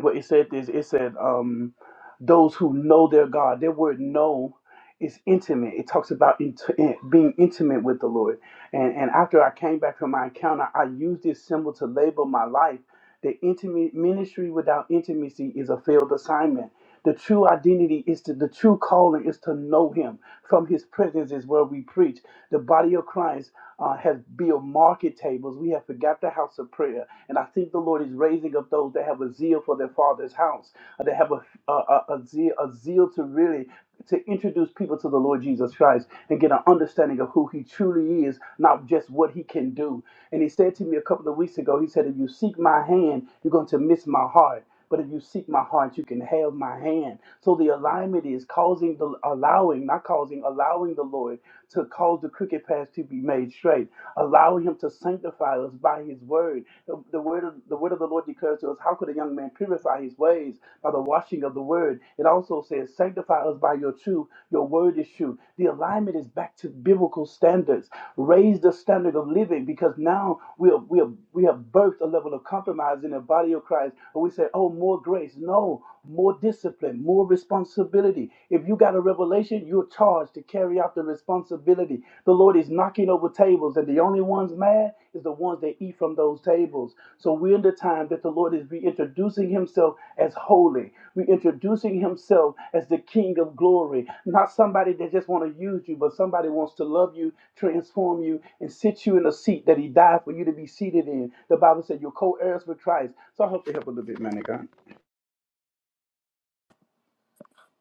G: but it said this. It said um, those who know their God. Their word "know" is intimate. It talks about int- in- being intimate with the Lord. And and after I came back from my encounter, I used this symbol to label my life that intimate ministry without intimacy is a failed assignment. The true identity is to the true calling is to know Him. From His presence is where we preach. The body of Christ uh, has built market tables. We have forgot the house of prayer, and I think the Lord is raising up those that have a zeal for their Father's house, uh, that have a a, a, a zeal a zeal to really to introduce people to the Lord Jesus Christ and get an understanding of who he truly is, not just what he can do. And he said to me a couple of weeks ago, he said, If you seek my hand, you're going to miss my heart. But if you seek my heart, you can have my hand. So the alignment is causing the allowing, not causing, allowing the Lord to cause the crooked path to be made straight, allowing him to sanctify us by his word. The, the word of the word of the Lord declares to us, how could a young man purify his ways by the washing of the word? It also says, sanctify us by your truth. Your word is true. The alignment is back to biblical standards. Raise the standard of living because now we have we have we have birthed a level of compromise in the body of Christ. And we say, oh, more grace. No, more discipline, more responsibility. If you got a revelation, you're charged to carry out the responsibility. The Lord is knocking over tables, and the only ones mad is the ones that eat from those tables. So we're in the time that the Lord is reintroducing himself as holy, reintroducing himself as the King of glory. Not somebody that just want to use you, but somebody wants to love you, transform you, and sit you in a seat that he died for you to be seated in. The Bible said you're co-heirs with Christ. So I hope they help a little bit, man of God.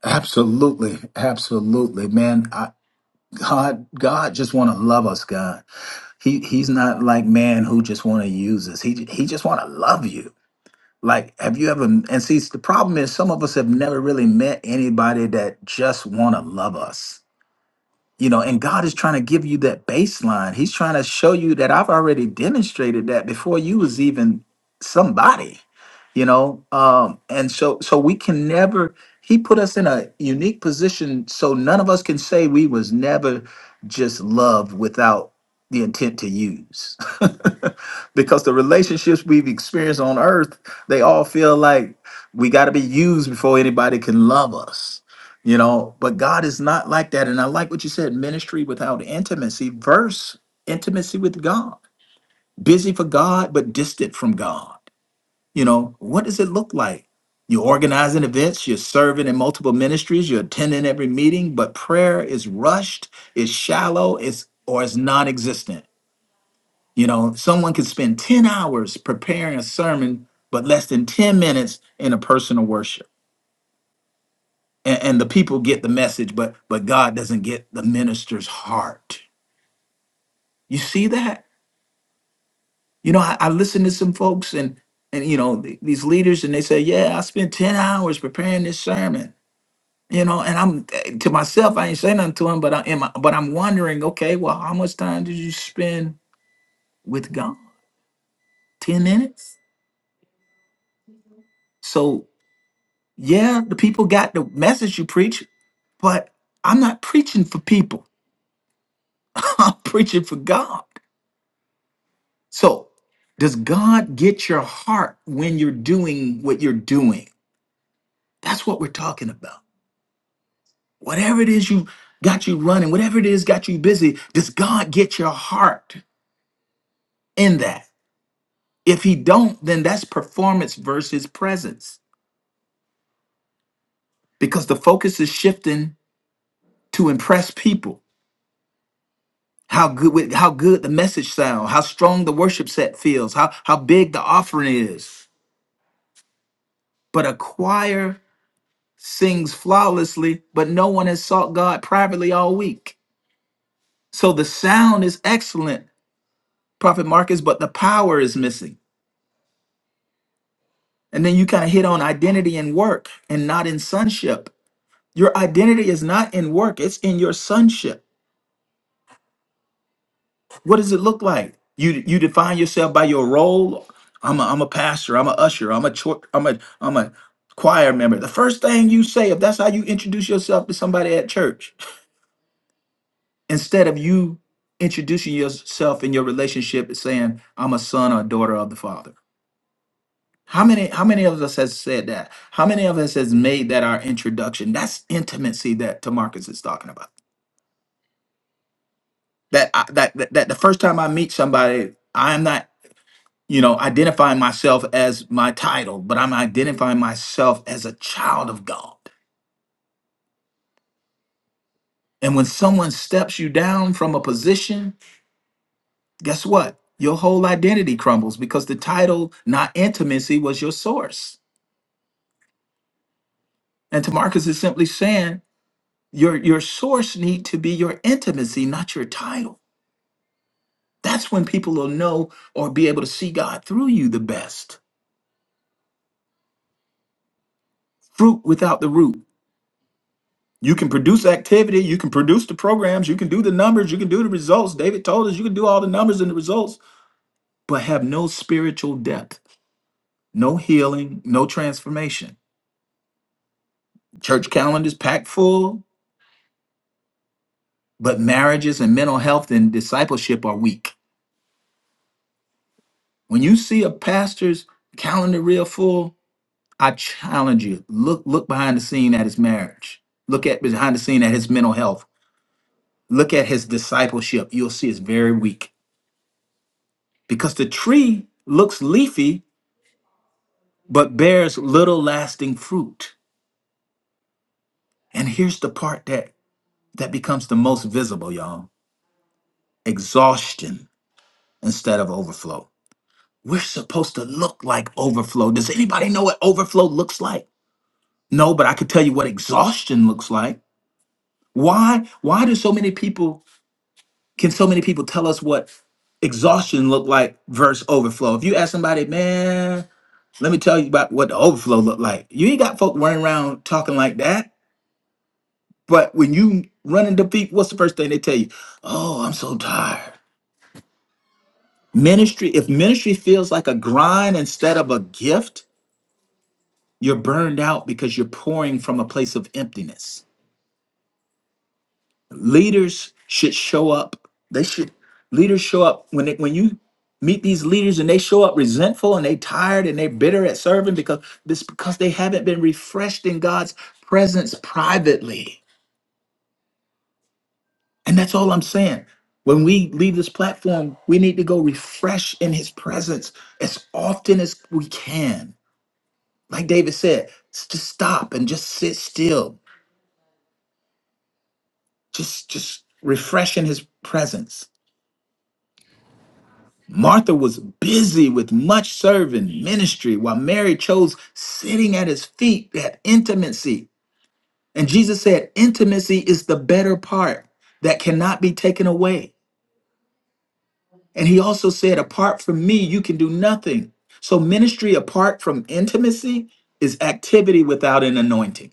A: Absolutely, absolutely, man. I, God, God just want to love us, God. He He's not like man who just want to use us. He He just want to love you. Like, have you ever? And see, the problem is, some of us have never really met anybody that just want to love us you know and god is trying to give you that baseline he's trying to show you that i've already demonstrated that before you was even somebody you know um and so so we can never he put us in a unique position so none of us can say we was never just loved without the intent to use because the relationships we've experienced on earth they all feel like we got to be used before anybody can love us you know but god is not like that and i like what you said ministry without intimacy verse intimacy with god busy for god but distant from god you know what does it look like you're organizing events you're serving in multiple ministries you're attending every meeting but prayer is rushed is shallow is or is non-existent you know someone could spend 10 hours preparing a sermon but less than 10 minutes in a personal worship and, and the people get the message but but god doesn't get the minister's heart you see that you know i, I listen to some folks and and you know th- these leaders and they say yeah i spent 10 hours preparing this sermon you know and i'm eh, to myself i ain't saying nothing to him but i am but i'm wondering okay well how much time did you spend with god 10 minutes so yeah the people got the message you preach but i'm not preaching for people i'm preaching for god So, does God get your heart when you're doing what you're doing? That's what we're talking about. Whatever it is you got you running, whatever it is got you busy, does God get your heart in that? If he don't, then that's performance versus presence because the focus is shifting to impress people. How good with- how good the message sound, how strong the worship set feels, how how big the offering is. But a choir sings flawlessly, but no one has sought God privately all week. So the sound is excellent, Prophet Marcus, but the power is missing. And then you kind of hit on identity and work and not in sonship. Your identity is not in work, it's in your sonship. What does it look like? You you define yourself by your role. I'm a, I'm a pastor, I'm a usher, I'm a chor- I'm a I'm a choir member. The first thing you say if that's how you introduce yourself to somebody at church, instead of you introducing yourself in your relationship and saying i'm a son or daughter of the father how many how many of us has said that how many of us has made that our introduction that's intimacy that Tamarcus is talking about that, I, that that that the first time i meet somebody i'm not you know identifying myself as my title but i'm identifying myself as a child of god and when someone steps you down from a position guess what? Your whole identity crumbles because the title, not intimacy, was your source. And Tamarcus is simply saying your your source need to be your intimacy, not your title. That's when people will know or be able to see God through you the best. Fruit without the root. You can produce activity, you can produce the programs, you can do the numbers, you can do the results. David told us you can do all the numbers and the results, but have no spiritual depth, no healing, no transformation. Church calendars packed full, but marriages and mental health and discipleship are weak. When you see a pastor's calendar real full, I challenge you. Look look behind the scene at his marriage. Look at behind the scene at his mental health. Look at his discipleship. You'll see it's very weak because the tree looks leafy but bears little lasting fruit. And here's the part that that becomes the most visible, y'all. Exhaustion instead of overflow. We're supposed to look like overflow. Does anybody know what overflow looks like? No, but I could tell you what exhaustion looks like. Why? Why do so many people? Can so many people tell us what exhaustion look like versus overflow? If you ask somebody, man, let me tell you about what the overflow look like. You ain't got folk running around talking like that. But when you run into people, what's the first thing they tell you? Oh, I'm so tired. Ministry. If ministry feels like a grind instead of a gift, you're burned out because you're pouring from a place of emptiness. leaders should show up they should leaders show up when they, when you meet these leaders and they show up resentful and they tired and they bitter at serving because this because they haven't been refreshed in God's presence privately and that's all I'm saying when we leave this platform we need to go refresh in his presence as often as we can like David said s- just stop and just sit still just just refresh in his presence Martha was busy with much serving ministry, while Mary chose sitting at his feet, that intimacy. And Jesus said, Intimacy is the better part that cannot be taken away. And he also said, Apart from me, you can do nothing. So, ministry apart from intimacy is activity without an anointing.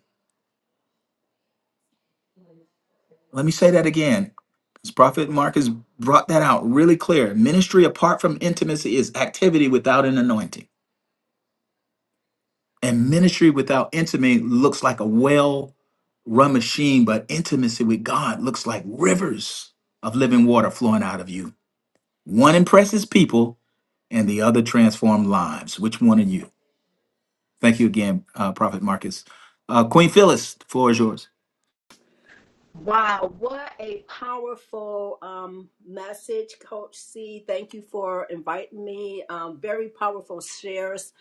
A: Let me say that again, because Prophet Marcus brought that out really clear. Ministry apart from intimacy is activity without an anointing. And ministry without intimacy looks like a well run machine, but intimacy with God looks like rivers of living water flowing out of you. One impresses people and the other transforms lives. Which one are you? Thank you again, uh, Prophet Marcus. Uh, Queen Phyllis, the floor is yours.
H: Wow, what a powerful um, message, Coach C. Thank you for inviting me. Um, very powerful shares.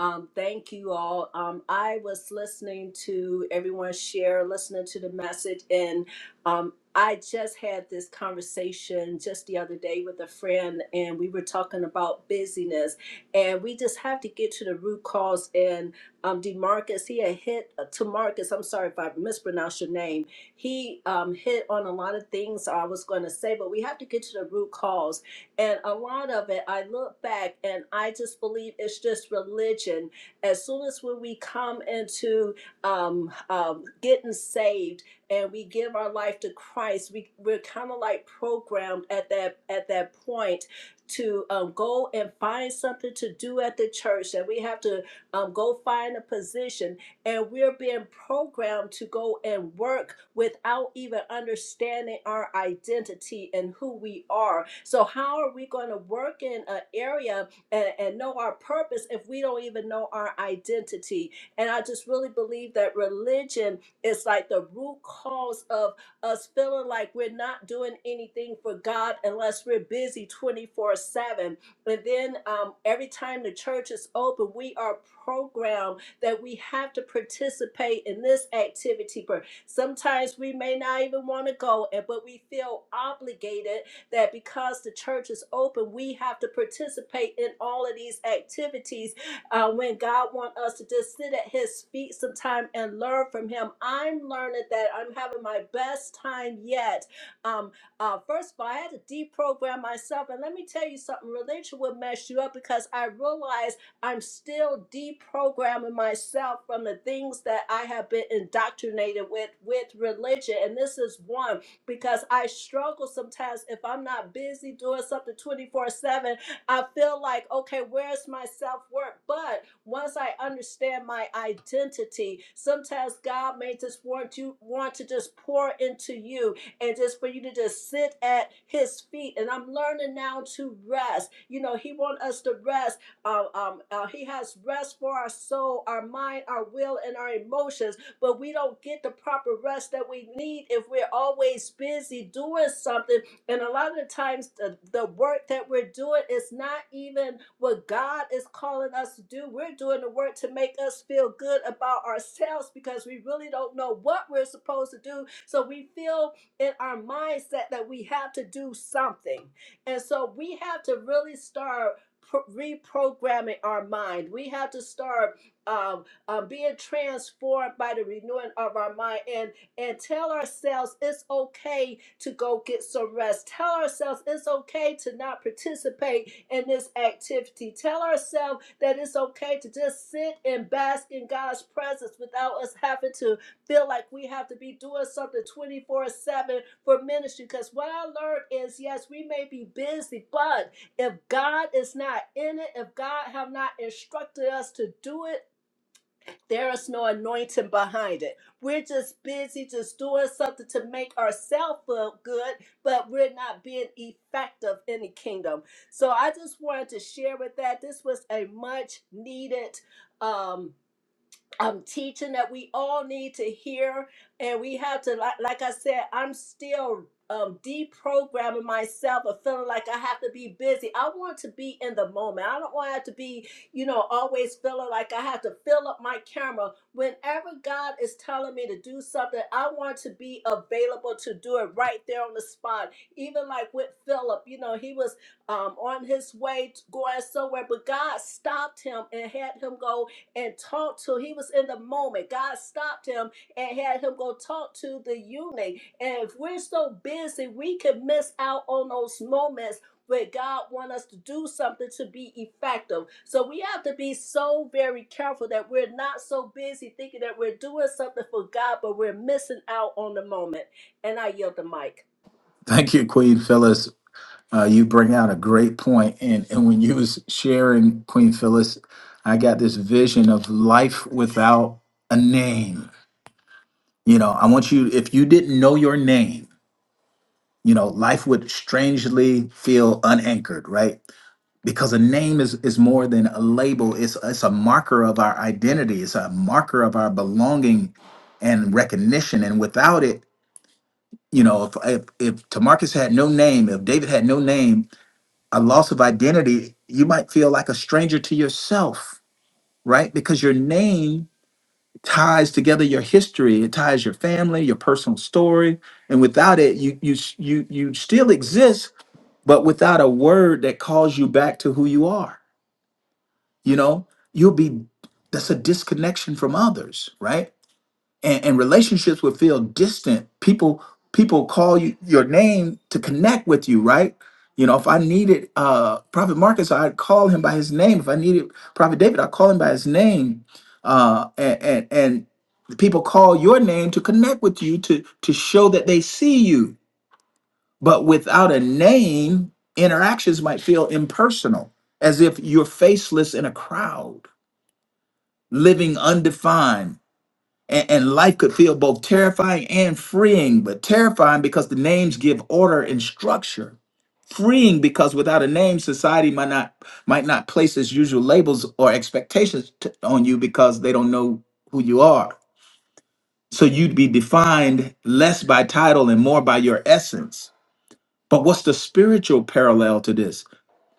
H: Um, thank you all. Um, I was listening to everyone share, listening to the message, and um, I just had this conversation just the other day with a friend, and we were talking about busyness, and we just have to get to the root cause. And um, Demarcus, he had hit uh, to Marcus. I'm sorry if I mispronounced your name he um, hit on a lot of things I was going to say, but we have to get to the root cause. And a lot of it, I look back and I just believe it's just religion. As soon as when we come into um, um, getting saved and we give our life to Christ, we, we're kind of like programmed at that at that point to um, go and find something to do at the church, and we have to um, go find a position and we're being programmed to go and work without even understanding our identity and who we are. So, how are we going to work in an area and, and know our purpose if we don't even know our identity? And I just really believe that religion is like the root cause of us feeling like we're not doing anything for God unless we're busy 24 7. And then um, every time the church is open, we are programmed that we have to participate in this activity. But sometimes we may not even want to go, and but we feel obligated that because the church is open, we have to participate in all of these activities. Uh, when God wants us to just sit at His feet sometime and learn from Him, I'm learning that I'm having my best time yet. Um, uh, first of all, I had to deprogram myself, and let me tell you something: religion will mess you up because I realized. I'm still deprogramming myself from the things that I have been indoctrinated with with religion. And this is one because I struggle sometimes if I'm not busy doing something 24 7. I feel like, okay, where's my self work? But once I understand my identity, sometimes God may just want you want to just pour into you and just for you to just sit at his feet. And I'm learning now to rest. You know, he wants us to rest uh, um, uh, he has rest for our soul, our mind, our will, and our emotions. But we don't get the proper rest that we need if we're always busy doing something. And a lot of the times, the, the work that we're doing is not even what God is calling us to do. We're doing the work to make us feel good about ourselves because we really don't know what we're supposed to do. So we feel in our mindset that we have to do something. And so we have to really start pro- reprogramming our mind. We have to start um, uh, being transformed by the renewing of our mind and, and tell ourselves it's okay to go get some rest. Tell ourselves it's okay to not participate in this activity. Tell ourselves that it's okay to just sit and bask in God's presence without us having to feel like we have to be doing something 24 7 for ministry. Because what I learned is yes, we may be busy, but if God is not in it, if God have not instructed us to do it, there is no anointing behind it. We're just busy just doing something to make ourselves feel good, but we're not being effective in the kingdom. So I just wanted to share with that. This was a much needed um I'm teaching that we all need to hear, and we have to, like, like I said, I'm still um, deprogramming myself of feeling like I have to be busy. I want to be in the moment. I don't want to have to be, you know, always feeling like I have to fill up my camera. Whenever God is telling me to do something, I want to be available to do it right there on the spot. Even like with Philip, you know, he was um, on his way to going somewhere, but God stopped him and had him go and talked to. He was in the moment. God stopped him and had him go talk to the eunuch. And if we're so busy, we could miss out on those moments where God wants us to do something to be effective. So we have to be so very careful that we're not so busy thinking that we're doing something for God, but we're missing out on the moment. And I yield the mic.
A: Thank you, Queen Phyllis. Uh, you bring out a great point, and and when you was sharing Queen Phyllis, I got this vision of life without a name. You know, I want you if you didn't know your name. you know life would strangely feel unanchored right because a name is is more than a label it's it's a marker of our identity it's a marker of our belonging and recognition and without it you know if if, if Tamarcus had no name if David had no name a loss of identity you might feel like a stranger to yourself right because your name ties together your history it ties your family your personal story and without it you you you you still exist but without a word that calls you back to who you are you know you'll be that's a disconnection from others right and, and relationships would feel distant people people call you your name to connect with you right you know if i needed uh prophet marcus i'd call him by his name if i needed prophet david i'd call him by his name uh and and, and people call your name to connect with you to to show that they see you but without a name, interactions might feel impersonal, as if you're faceless in a crowd, living undefined. And, and life could feel both terrifying and freeing, but terrifying because the names give order and structure. Freeing because without a name, society might not might not place its usual labels or expectations t- on you because they don't know who you are. So you'd be defined less by title and more by your essence. But what's the spiritual parallel to this?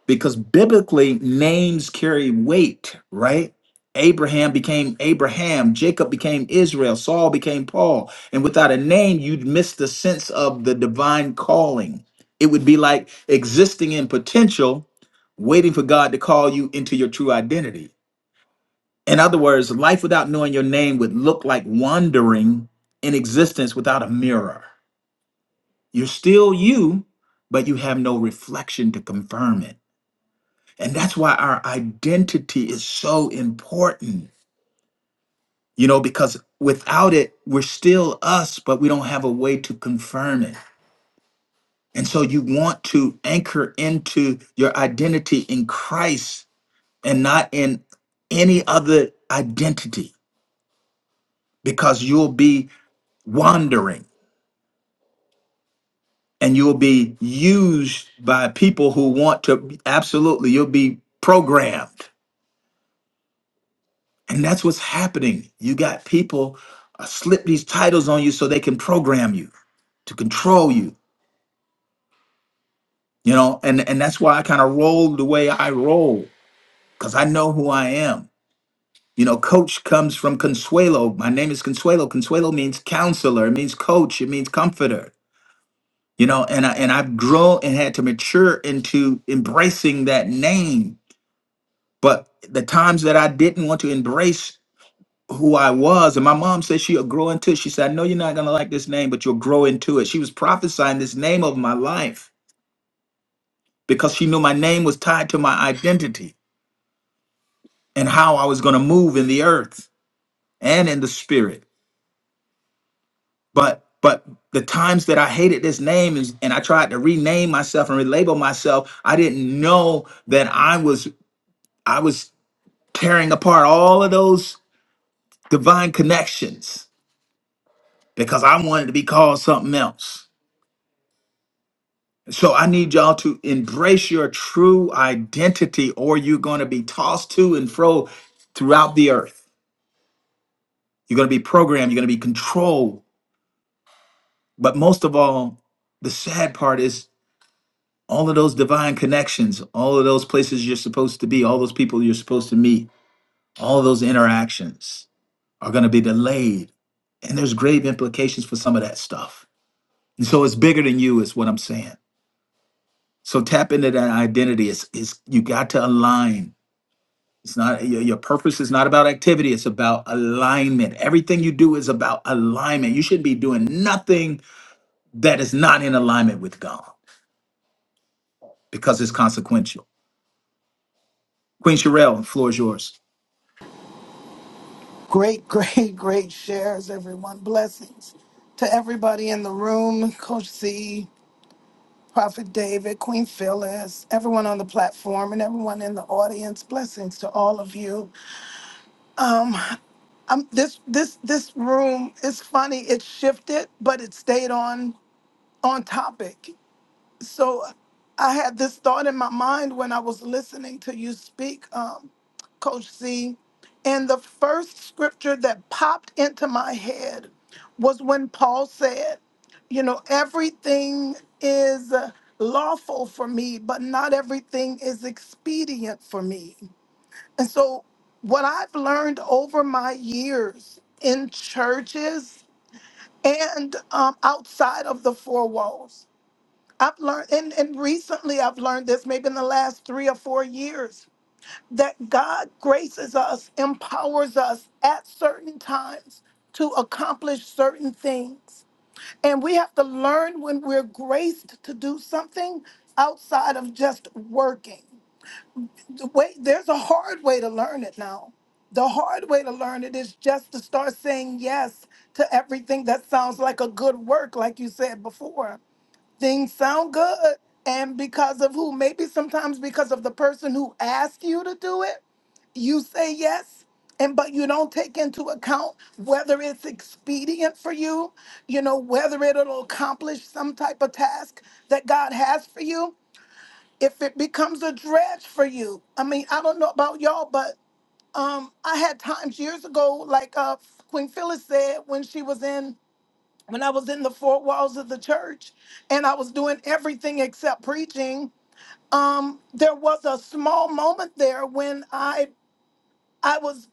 A: because biblically names carry weight, right? Abraham became Abraham, Jacob became Israel, Saul became Paul. And without a name, you'd miss the sense of the divine calling. It would be like existing in potential, waiting for God to call you into your true identity. In other words, life without knowing your name would look like wandering in existence without a mirror. You're still you, but you have no reflection to confirm it. And that's why our identity is so important, you know, because without it, we're still us, but we don't have a way to confirm it. And so you want to anchor into your identity in Christ and not in any other identity because you'll be wandering and you'll be used by people who want to absolutely, you'll be programmed And that's what's happening. You got people uh, slip these titles on you so they can program you, to control you, you know, and, and that's why I kind of roll the way I roll, because I know who I am. You know, coach comes from Consuelo. My name is Consuelo. Consuelo means counselor, it means coach, it means comforter. You know, and I and I've grown and had to mature into embracing that name. But the times that I didn't want to embrace who I was. And my mom said she'll grow into it. She said, I know you're not going to like this name, but you'll grow into it. She was prophesying this name of my life because she knew my name was tied to my identity and how I was going to move in the earth and in the spirit. But but the times that I hated this name is, and I tried to rename myself and relabel myself, I didn't know that I was I was tearing apart all of those divine connections because I wanted to be called something else So I need y'all to embrace your true identity, or you're going to be tossed to and fro throughout the earth. You're going to be programmed, you're going to be controlled. But most of all, the sad part is all of those divine connections, all of those places you're supposed to be, all those people you're supposed to meet, all of those interactions are going to be delayed. And there's grave implications for some of that stuff. And so it's bigger than you, is what I'm saying. So tap into that identity. It's, it's you got to align It's not your, your purpose is not about activity, it's about alignment. Everything you do is about alignment. You should be doing nothing that is not in alignment with God because it's consequential. Queen Sherelle, the floor is yours.
I: Great, great, great shares, everyone. Blessings to everybody in the room Coach C, Prophet David, Queen Phyllis, everyone on the platform, and everyone in the audience. Blessings to all of you. Um, this this this room is funny. It shifted, but it stayed on on topic. So I had this thought in my mind when I was listening to you speak, um, Coach C. And the first scripture that popped into my head was when Paul said, You know, everything is uh, lawful for me, but not everything is expedient for me. And so, what I've learned over my years in churches and um, outside of the four walls I've learned, and, and recently I've learned this, maybe in the last three or four years, that God graces us, empowers us at certain times to accomplish certain things. And we have to learn when we're graced to do something outside of just working. The way, there's a hard way to learn it now. The hard way to learn it is just to start saying yes to everything that sounds like a good work, like you said before things sound good and because of who maybe sometimes because of the person who asked you to do it you say yes and but you don't take into account whether it's expedient for you you know whether it'll accomplish some type of task that god has for you if it becomes a dredge for you i mean i don't know about y'all but um i had times years ago like uh queen phyllis said when she was in when I was in the four walls of the church and I was doing everything except preaching, um, there was a small moment there when I I was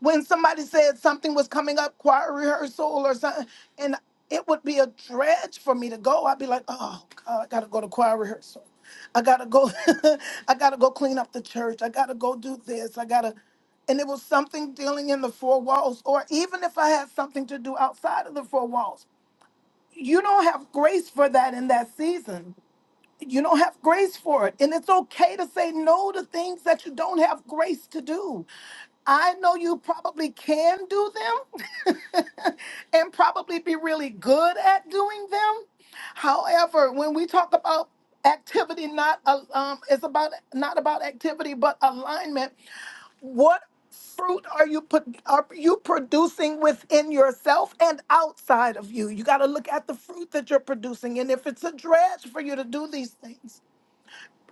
I: when somebody said something was coming up, choir rehearsal or something, and it would be a dredge for me to go. I'd be like, oh God, I gotta go to choir rehearsal. I gotta go, I gotta go clean up the church. I gotta go do this. I gotta and it was something dealing in the four walls, or even if I had something to do outside of the four walls you don't have grace for that in that season. You don't have grace for it. And it's okay to say no to things that you don't have grace to do. I know you probably can do them and probably be really good at doing them. However, when we talk about activity, not uh, um, it's about not about activity, but alignment. What fruit are you put are you producing within yourself and outside of you? You got to look at the fruit that you're producing and if it's a dredge for you to do these things.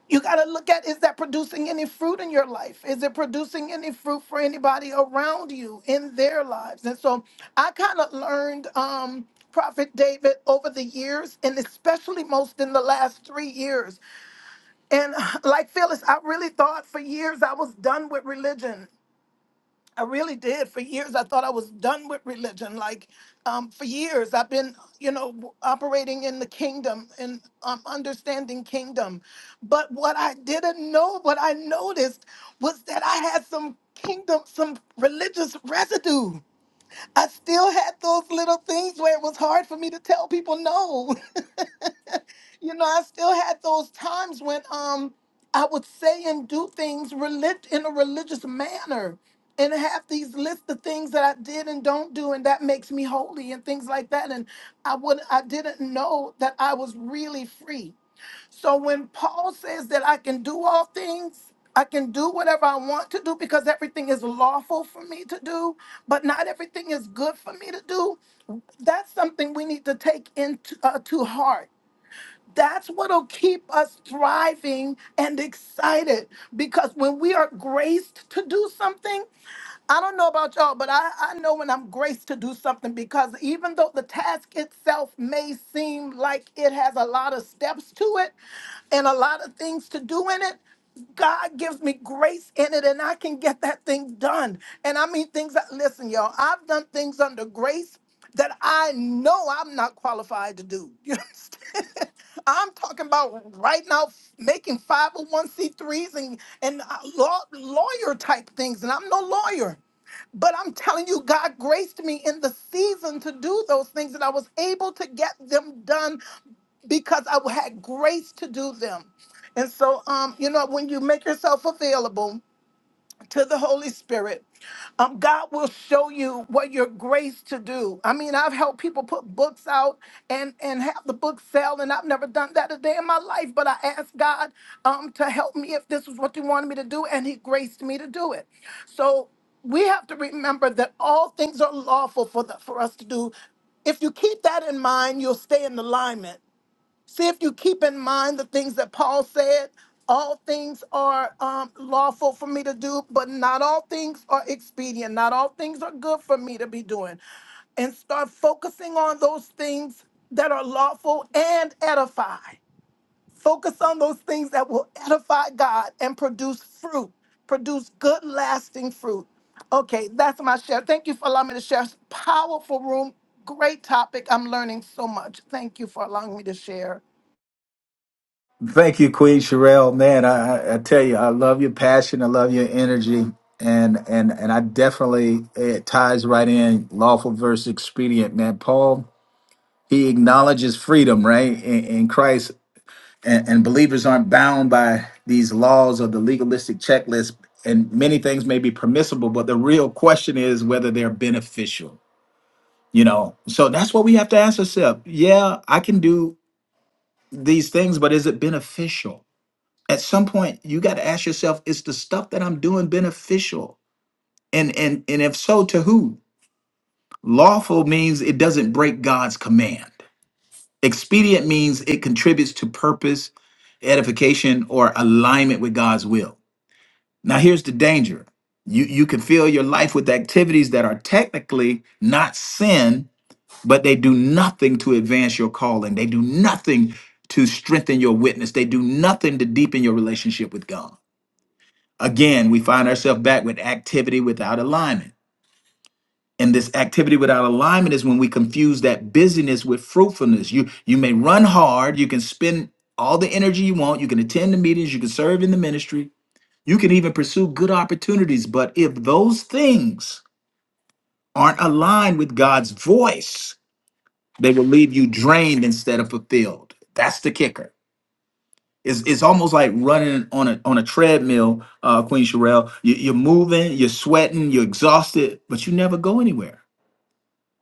I: You got to look at is that producing any fruit in your life? Is it producing any fruit for anybody around you in their lives? And so I kind of learned um Prophet David over the years and especially most in the last 3 years. And like Phyllis, I really thought for years I was done with religion I really did. For years, I thought I was done with religion. Like, um, for years, I've been, you know, w- operating in the kingdom and um, understanding kingdom. But what I didn't know, what I noticed was that I had some kingdom, some religious residue. I still had those little things where it was hard for me to tell people no. You know, I still had those times when um I would say and do things relig- in a religious manner and have these lists of things that I did and don't do and that makes me holy and things like that and I would I didn't know that I was really free. So when Paul says that I can do all things, I can do whatever I want to do because everything is lawful for me to do, but not everything is good for me to do. That's something we need to take into uh, to heart that's what'll keep us thriving and excited because when we are graced to do something, I don't know about y'all, but I, I know when I'm graced to do something because even though the task itself may seem like it has a lot of steps to it and a lot of things to do in it, God gives me grace in it and I can get that thing done. And I mean things that, listen, y'all, I've done things under grace that I know I'm not qualified to do. You understand? I'm talking about right now making 501c3s and, and uh, law, lawyer type things. And I'm no lawyer. But I'm telling you, God graced me in the season to do those things, and I was able to get them done because I had grace to do them. And so, um, you know, when you make yourself available, to the Holy Spirit. Um, God will show you what your grace to do. I mean, I've helped people put books out and and have the book sell, and I've never done that a day in my life. But I asked God um, to help me if this was what He wanted me to do, and He graced me to do it. So we have to remember that all things are lawful for the, for us to do. If you keep that in mind, you'll stay in alignment. See if you keep in mind the things that Paul said. All things are um, lawful for me to do, but not all things are expedient. Not all things are good for me to be doing. And start focusing on those things that are lawful and edify. Focus on those things that will edify God and produce fruit, produce good, lasting fruit. Okay, that's my share. Thank you for allowing me to share. Powerful room, great topic. I'm learning so much. Thank you for allowing me to share.
A: Thank you, Queen Sherelle. Man, I, I I tell you, I love your passion. I love your energy. And and and I definitely it ties right in lawful versus expedient, man. Paul, he acknowledges freedom, right? In, in Christ and, and believers aren't bound by these laws or the legalistic checklist and many things may be permissible but the real question is whether they're beneficial you know so that's what we have to ask ourselves yeah i can do these things but is it beneficial at some point you got to ask yourself is the stuff that i'm doing beneficial and and and if so to who lawful means it doesn't break god's command expedient means it contributes to purpose edification or alignment with god's will Now, here's the danger you, you can fill your life with activities that are technically not sin, but they do nothing to advance your calling. They do nothing to strengthen your witness. They do nothing to deepen your relationship with God. Again, we find ourselves back with activity without alignment. And this activity without alignment is when we confuse that busyness with fruitfulness. You you may run hard, you can spend all the energy you want, you can attend the meetings, you can serve in the ministry, you can even pursue good opportunities, but if those things aren't aligned with God's voice, they will leave you drained instead of fulfilled. That's the kicker. It's, it's almost like running on a on a treadmill, uh, Queen Sherelle. You, you're moving, you're sweating, you're exhausted, but you never go anywhere.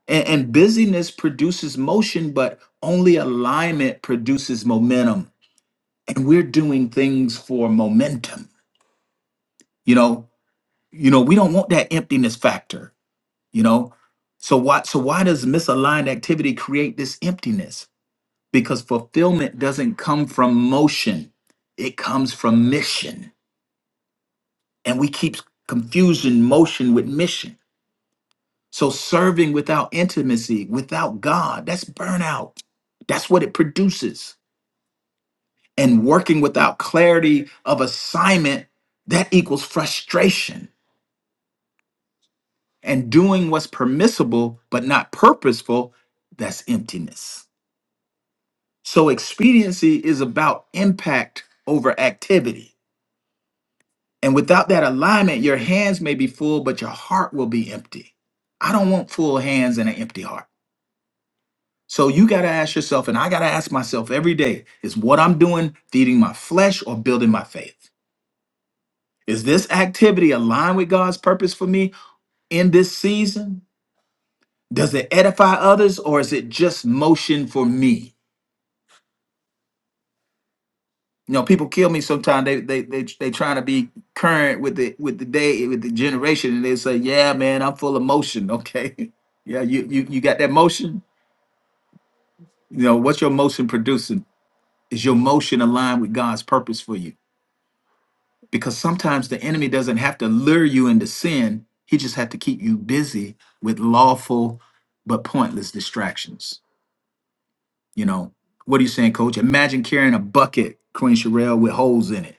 A: And, and busyness produces motion, but only alignment produces momentum. And we're doing things for momentum. You know, you know, we don't want that emptiness factor you know so why so why does misaligned activity create this emptiness because fulfillment doesn't come from motion it comes from mission and we keep confusing motion with mission so serving without intimacy without god that's burnout that's what it produces and working without clarity of assignment that equals frustration and doing what's permissible but not purposeful that's emptiness So expediency is about impact over activity. And without that alignment, your hands may be full, but your heart will be empty. I don't want full hands and an empty heart. So you got to ask yourself, and I got to ask myself every day is what I'm doing feeding my flesh or building my faith? Is this activity aligned with God's purpose for me in this season? Does it edify others or is it just motion for me? you know people kill me sometimes they they they they trying to be current with the with the day with the generation and they say yeah man i'm full of motion okay yeah you you, you got that motion you know what's your motion producing is your motion aligned with god's purpose for you because sometimes the enemy doesn't have to lure you into sin he just have to keep you busy with lawful but pointless distractions you know what are you saying coach imagine carrying a bucket queen sherelle with holes in it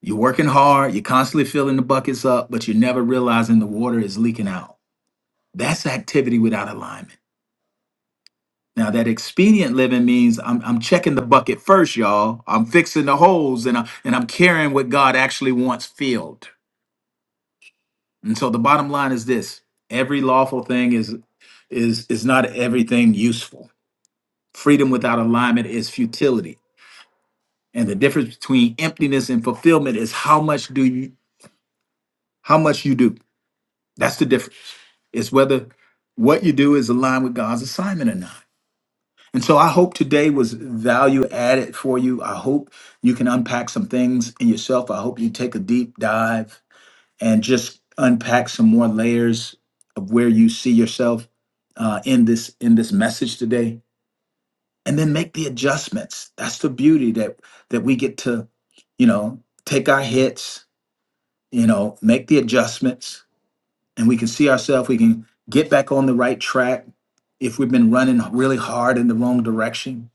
A: You're working hard, you're constantly filling the buckets up, but you're never realizing the water is leaking out. That's activity without alignment. Now, that expedient living means I'm, I'm checking the bucket first, y'all. I'm fixing the holes and, I, and I'm carrying what God actually wants filled. And so the bottom line is this every lawful thing is, is, is not everything useful. Freedom without alignment is futility. And the difference between emptiness and fulfillment is how much do you how much you do. That's the difference. It's whether what you do is aligned with God's assignment or not. And so I hope today was value added for you. I hope you can unpack some things in yourself. I hope you take a deep dive and just unpack some more layers of where you see yourself uh, in this in this message today. And then make the adjustments. That's the beauty that that we get to, you know, take our hits, you know, make the adjustments and we can see ourselves, we can get back on the right track if we've been running really hard in the wrong direction.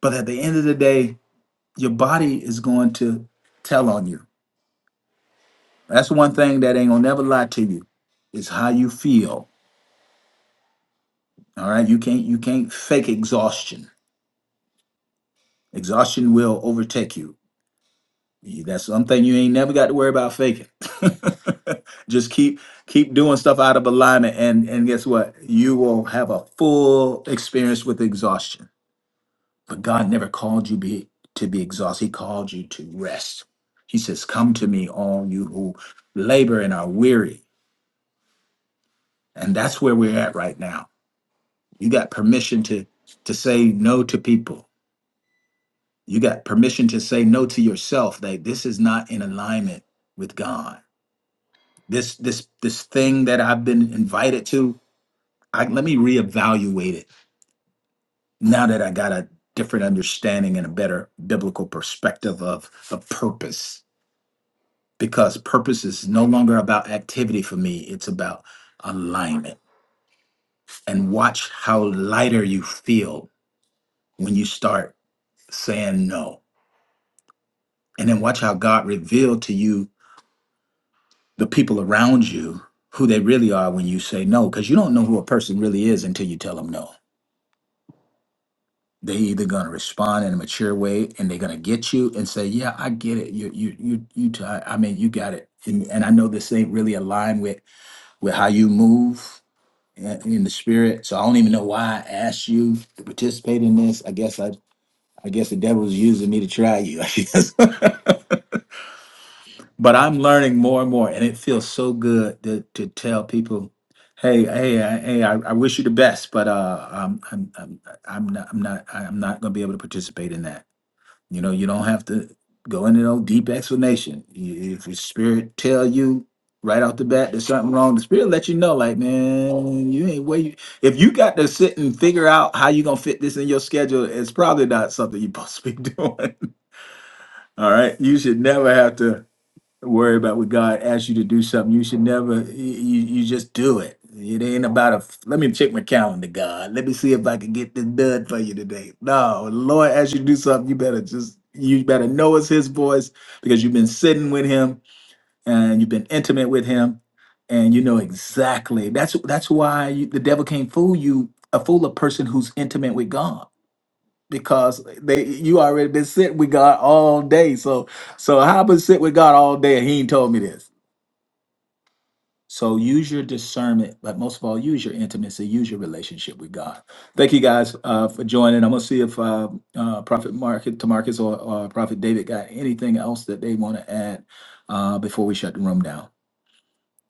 A: But at the end of the day, your body is going to tell on you. That's one thing that ain't gonna never lie to you. Is how you feel. All right. You can't you can't fake exhaustion. Exhaustion will overtake you. You- That's something you ain't never got to worry about faking. Just keep keep doing stuff out of alignment and and guess what? You will have a full experience with exhaustion But God never called you be, to be exhausted. He called you to rest. He says, Come to me, all you who labor and are weary. And that's where we're at right now. You got permission to, to say no to people. You got permission to say no to yourself that this is not in alignment with God. This this this thing that I've been invited to, I, let me reevaluate it now that I got a different understanding and a better biblical perspective of, of purpose because purpose is no longer about activity for me, it's about alignment. And watch how lighter you feel when you start saying no. And then watch how God revealed to you the people around you who they really are when you say no, because you don't know who a person really is until you tell them no. They either gonna respond in a mature way and they're gonna get you and say, "Yeah, I get it. You, you, you, you. T- I I mean, you got it." And, and I know this ain't really aligned with with how you move uh, in the spirit. So I don't even know why I asked you to participate in this. I guess I, I guess the devil's using me to try you. I guess, but I'm learning more and more, and it feels so good to to tell people, hey, hey, I- hey, I, I wish you the best, but uh, I'm I'm I'm I'm not I'm not I'm not gonna be able to participate in that. You know, you don't have to go into no deep explanation. You- If the spirit tell you right off the bat there's something wrong, the spirit let you know, like, man, you ain't where you if you got to sit and figure out how you gonna fit this in your schedule, it's probably not something you're supposed to be doing. All right. You should never have to worry about what God asks you to do something. You should never you you just do it. It ain't about a let me check my calendar, God. Let me see if I can get this done for you today. No, the Lord asks you to do something, you better just you better know it's his voice because you've been sitting with him and you've been intimate with him and you know exactly. That's that's why you, the devil can't fool you, a fool a person who's intimate with God because they you already been sitting with God all day. So so how been sitting with God all day and he ain't told me this. So use your discernment, but most of all, use your intimacy, use your relationship with God. Thank you guys uh, for joining. I'm gonna see if uh, uh, Prophet Market Tamarcus or, or Prophet David got anything else that they want to add uh, before we shut the room down.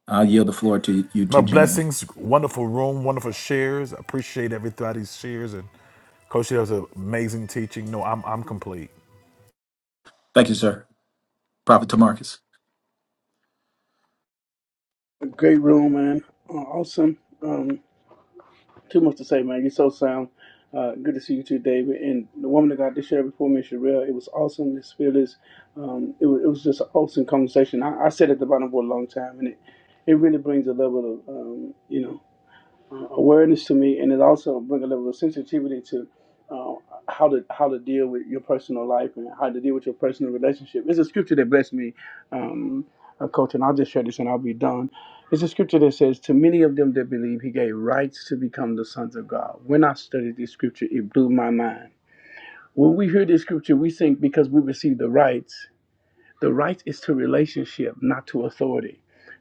A: I'll yield the floor to you
D: My
A: two gentlemen.
D: blessings, wonderful room, wonderful shares. I appreciate everybody's shares and Coach, that was an amazing teaching. No, I'm I'm complete.
A: Thank you, sir. Prophet Tamarcus.
G: Great room, man. Uh, awesome. Um, Too much to say, man. You're so sound. Uh, good to see you too, David. And the woman that got to share before me, Sherelle, it was awesome. It's fearless. Um, it, was, it was just an awesome conversation. I, I sat at the bottom for a long time, and it, it really brings a level of, um, you know, awareness to me, and it also bring a level of sensitivity to uh, how to how to deal with your personal life and how to deal with your personal relationship. It's a scripture that blessed me, um, uh, Coach, and I'll just share this and I'll be done. It's a scripture that says, "To many of them that believe, He gave rights to become the sons of God." When I studied this scripture, it blew my mind. When we hear this scripture, we think because we receive the rights. The right is to relationship, not to authority.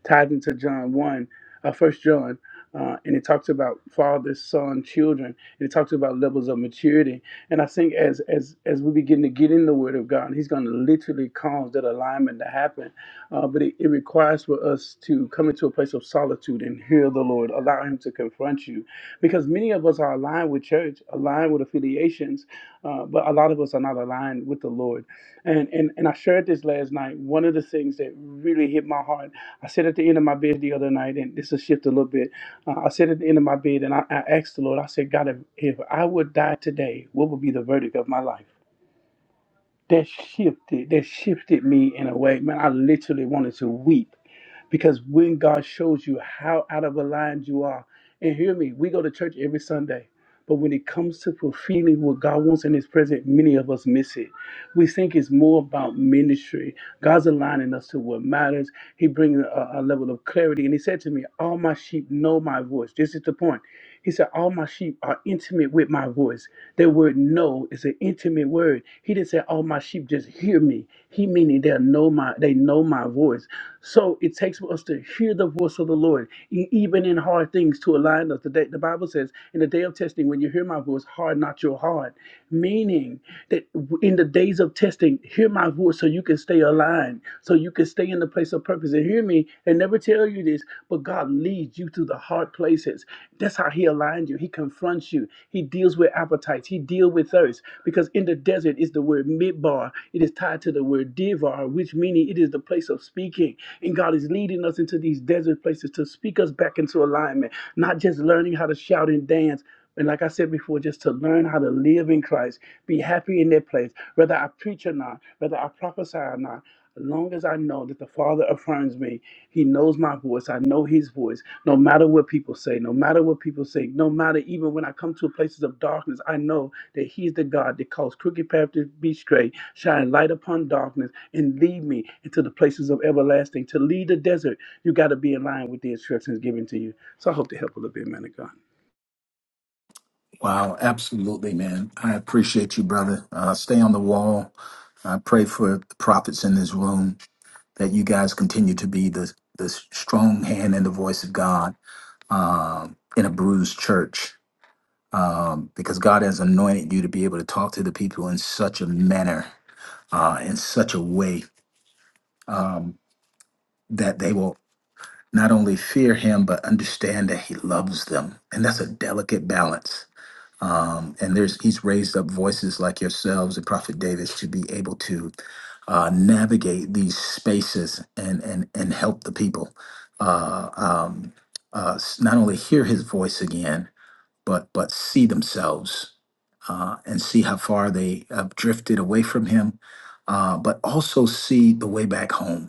G: Tied into John 1, uh, 1 John, uh, and it talks about father, son, children, and it talks about levels of maturity. And I think as as as we begin to get in the Word of God, He's going to literally cause that alignment to happen. Uh, but it, it requires for us to come into a place of solitude and hear the Lord, allow Him to confront you, because many of us are aligned with church aligned with affiliations uh, but a lot of us are not aligned with the lord and, and and i shared this last night one of the things that really hit my heart i sat at the end of my bed the other night and this will shift a little bit uh, i sat at the end of my bed and I, I asked the lord i said god if, if i would die today what would be the verdict of my life that shifted that shifted me in a way man i literally wanted to weep because when God shows you how out of aligned you are, and hear me, we go to church every Sunday. But when it comes to fulfilling what God wants in His presence, many of us miss it. We think it's more about ministry. God's aligning us to what matters. He brings a, a level of clarity. And he said to me, All my sheep know my voice. This is the point. He said, All my sheep are intimate with my voice. That word know is an intimate word. He didn't say all my sheep just hear me. He meaning they know my they know my voice. So it takes for us to hear the hear the voice of the Lord, e- even in hard things, to align us. The, day, the Bible says, in the day of testing, when you hear my voice, harden not your heart. Meaning that w- in the days of testing, hear my voice so you can stay aligned, so you can stay in the place of purpose. And hear me, and never tell you this, but God leads you to the hard places. That's how He aligns you. He confronts you. He deals with with appetites. He deals with thirst because in the desert is the word midbar. It is tied to the word divar, which meaning it is the place of speaking. And God is leading us into these desert places to speak us back into alignment, not just learning how to shout and dance. And like I said before, just to learn how to live in Christ, be happy in that place, whether I preach or not, whether I prophesy or not. As long as I know that the Father affirms me, He knows my voice, I know His voice, no matter what people say, no matter what people say, no matter even when I come to places of darkness, I know that He's the God that calls crooked paths to be straight, shine light upon darkness, and lead me into the places of everlasting. To lead the desert, you got to be in line with the instructions given to you. So I hope to help a little bit, man of God.
A: Wow, absolutely, man. I appreciate you, brother. Uh, stay on the wall. I pray for the prophets in this room that you guys continue to be the, the strong hand and the voice of God um, in a bruised church um, because God has anointed you to be able to talk to the people in such a manner, uh, in such a way um, that they will not only fear Him, but understand that He loves them. And that's a delicate balance um, and there's he's raised up voices like yourselves and prophet davis to be able to uh, navigate these spaces and and and help the people uh, um, uh, s- not only hear his voice again but but see themselves uh, and see how far they have drifted away from him uh, but also see the way back home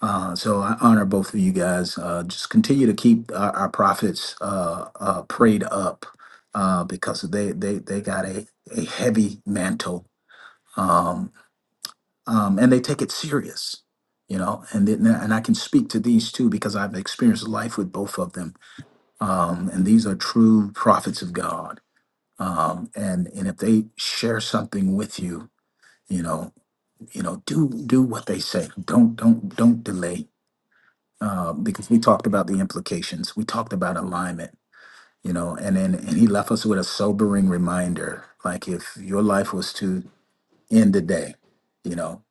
A: uh, so I honor both of you guys. Uh, just continue to keep our, our prophets uh, uh, prayed up uh, because they, they, they got a, a heavy mantle um, um, and they take it serious. You know, and then, and I can speak to these two because I've experienced life with both of them, um, and these are true prophets of God. Um, and and if they share something with you, you know, you know, do do what they say. Don't don't don't delay um, because we talked about the implications. We talked about alignment, you know, and then and he left us with a sobering reminder. Like if your life was to end today, you know,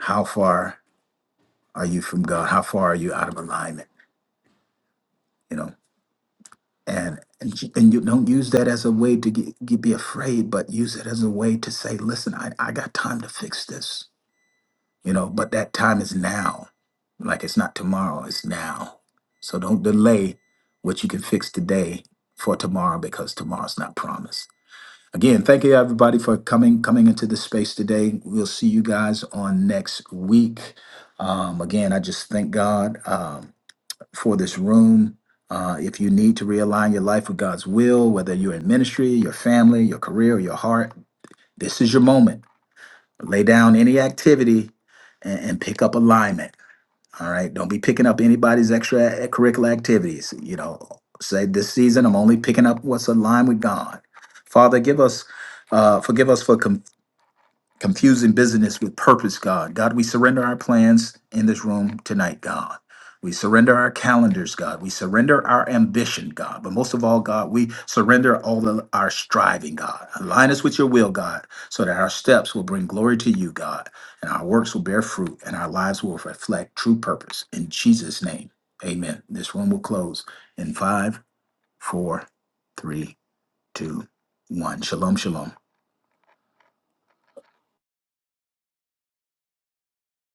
A: how far are you from God? How far are you out of alignment? You know, and and you and you don't use that as a way to get, get be afraid, but use it as a way to say, listen, I, I got time to fix this you know but that time is now like it's not tomorrow it's now so don't delay what you can fix today for tomorrow because tomorrow's not promised again thank you everybody for coming coming into the space today we'll see you guys on next week um, again i just thank god um, for this room uh, if you need to realign your life with god's will whether you're in ministry your family your career your heart this is your moment lay down any activity and, and pick up alignment all right. Don't be picking up anybody's extra curricular activities. You know, say this season, I'm only picking up what's in line with God. Father, give us, uh, forgive us for confusion confusing business with purpose, God. God, we surrender our plans in this room tonight, God. We surrender our calendars, God. We surrender our ambition, God. But most of all, God, we surrender all of our striving, God. Align us with your will, God, so that our steps will bring glory to you, God, and our works will bear fruit and our lives will reflect true purpose. In Jesus' name, amen. This room will close in five, four, three, two, one. Shalom, shalom.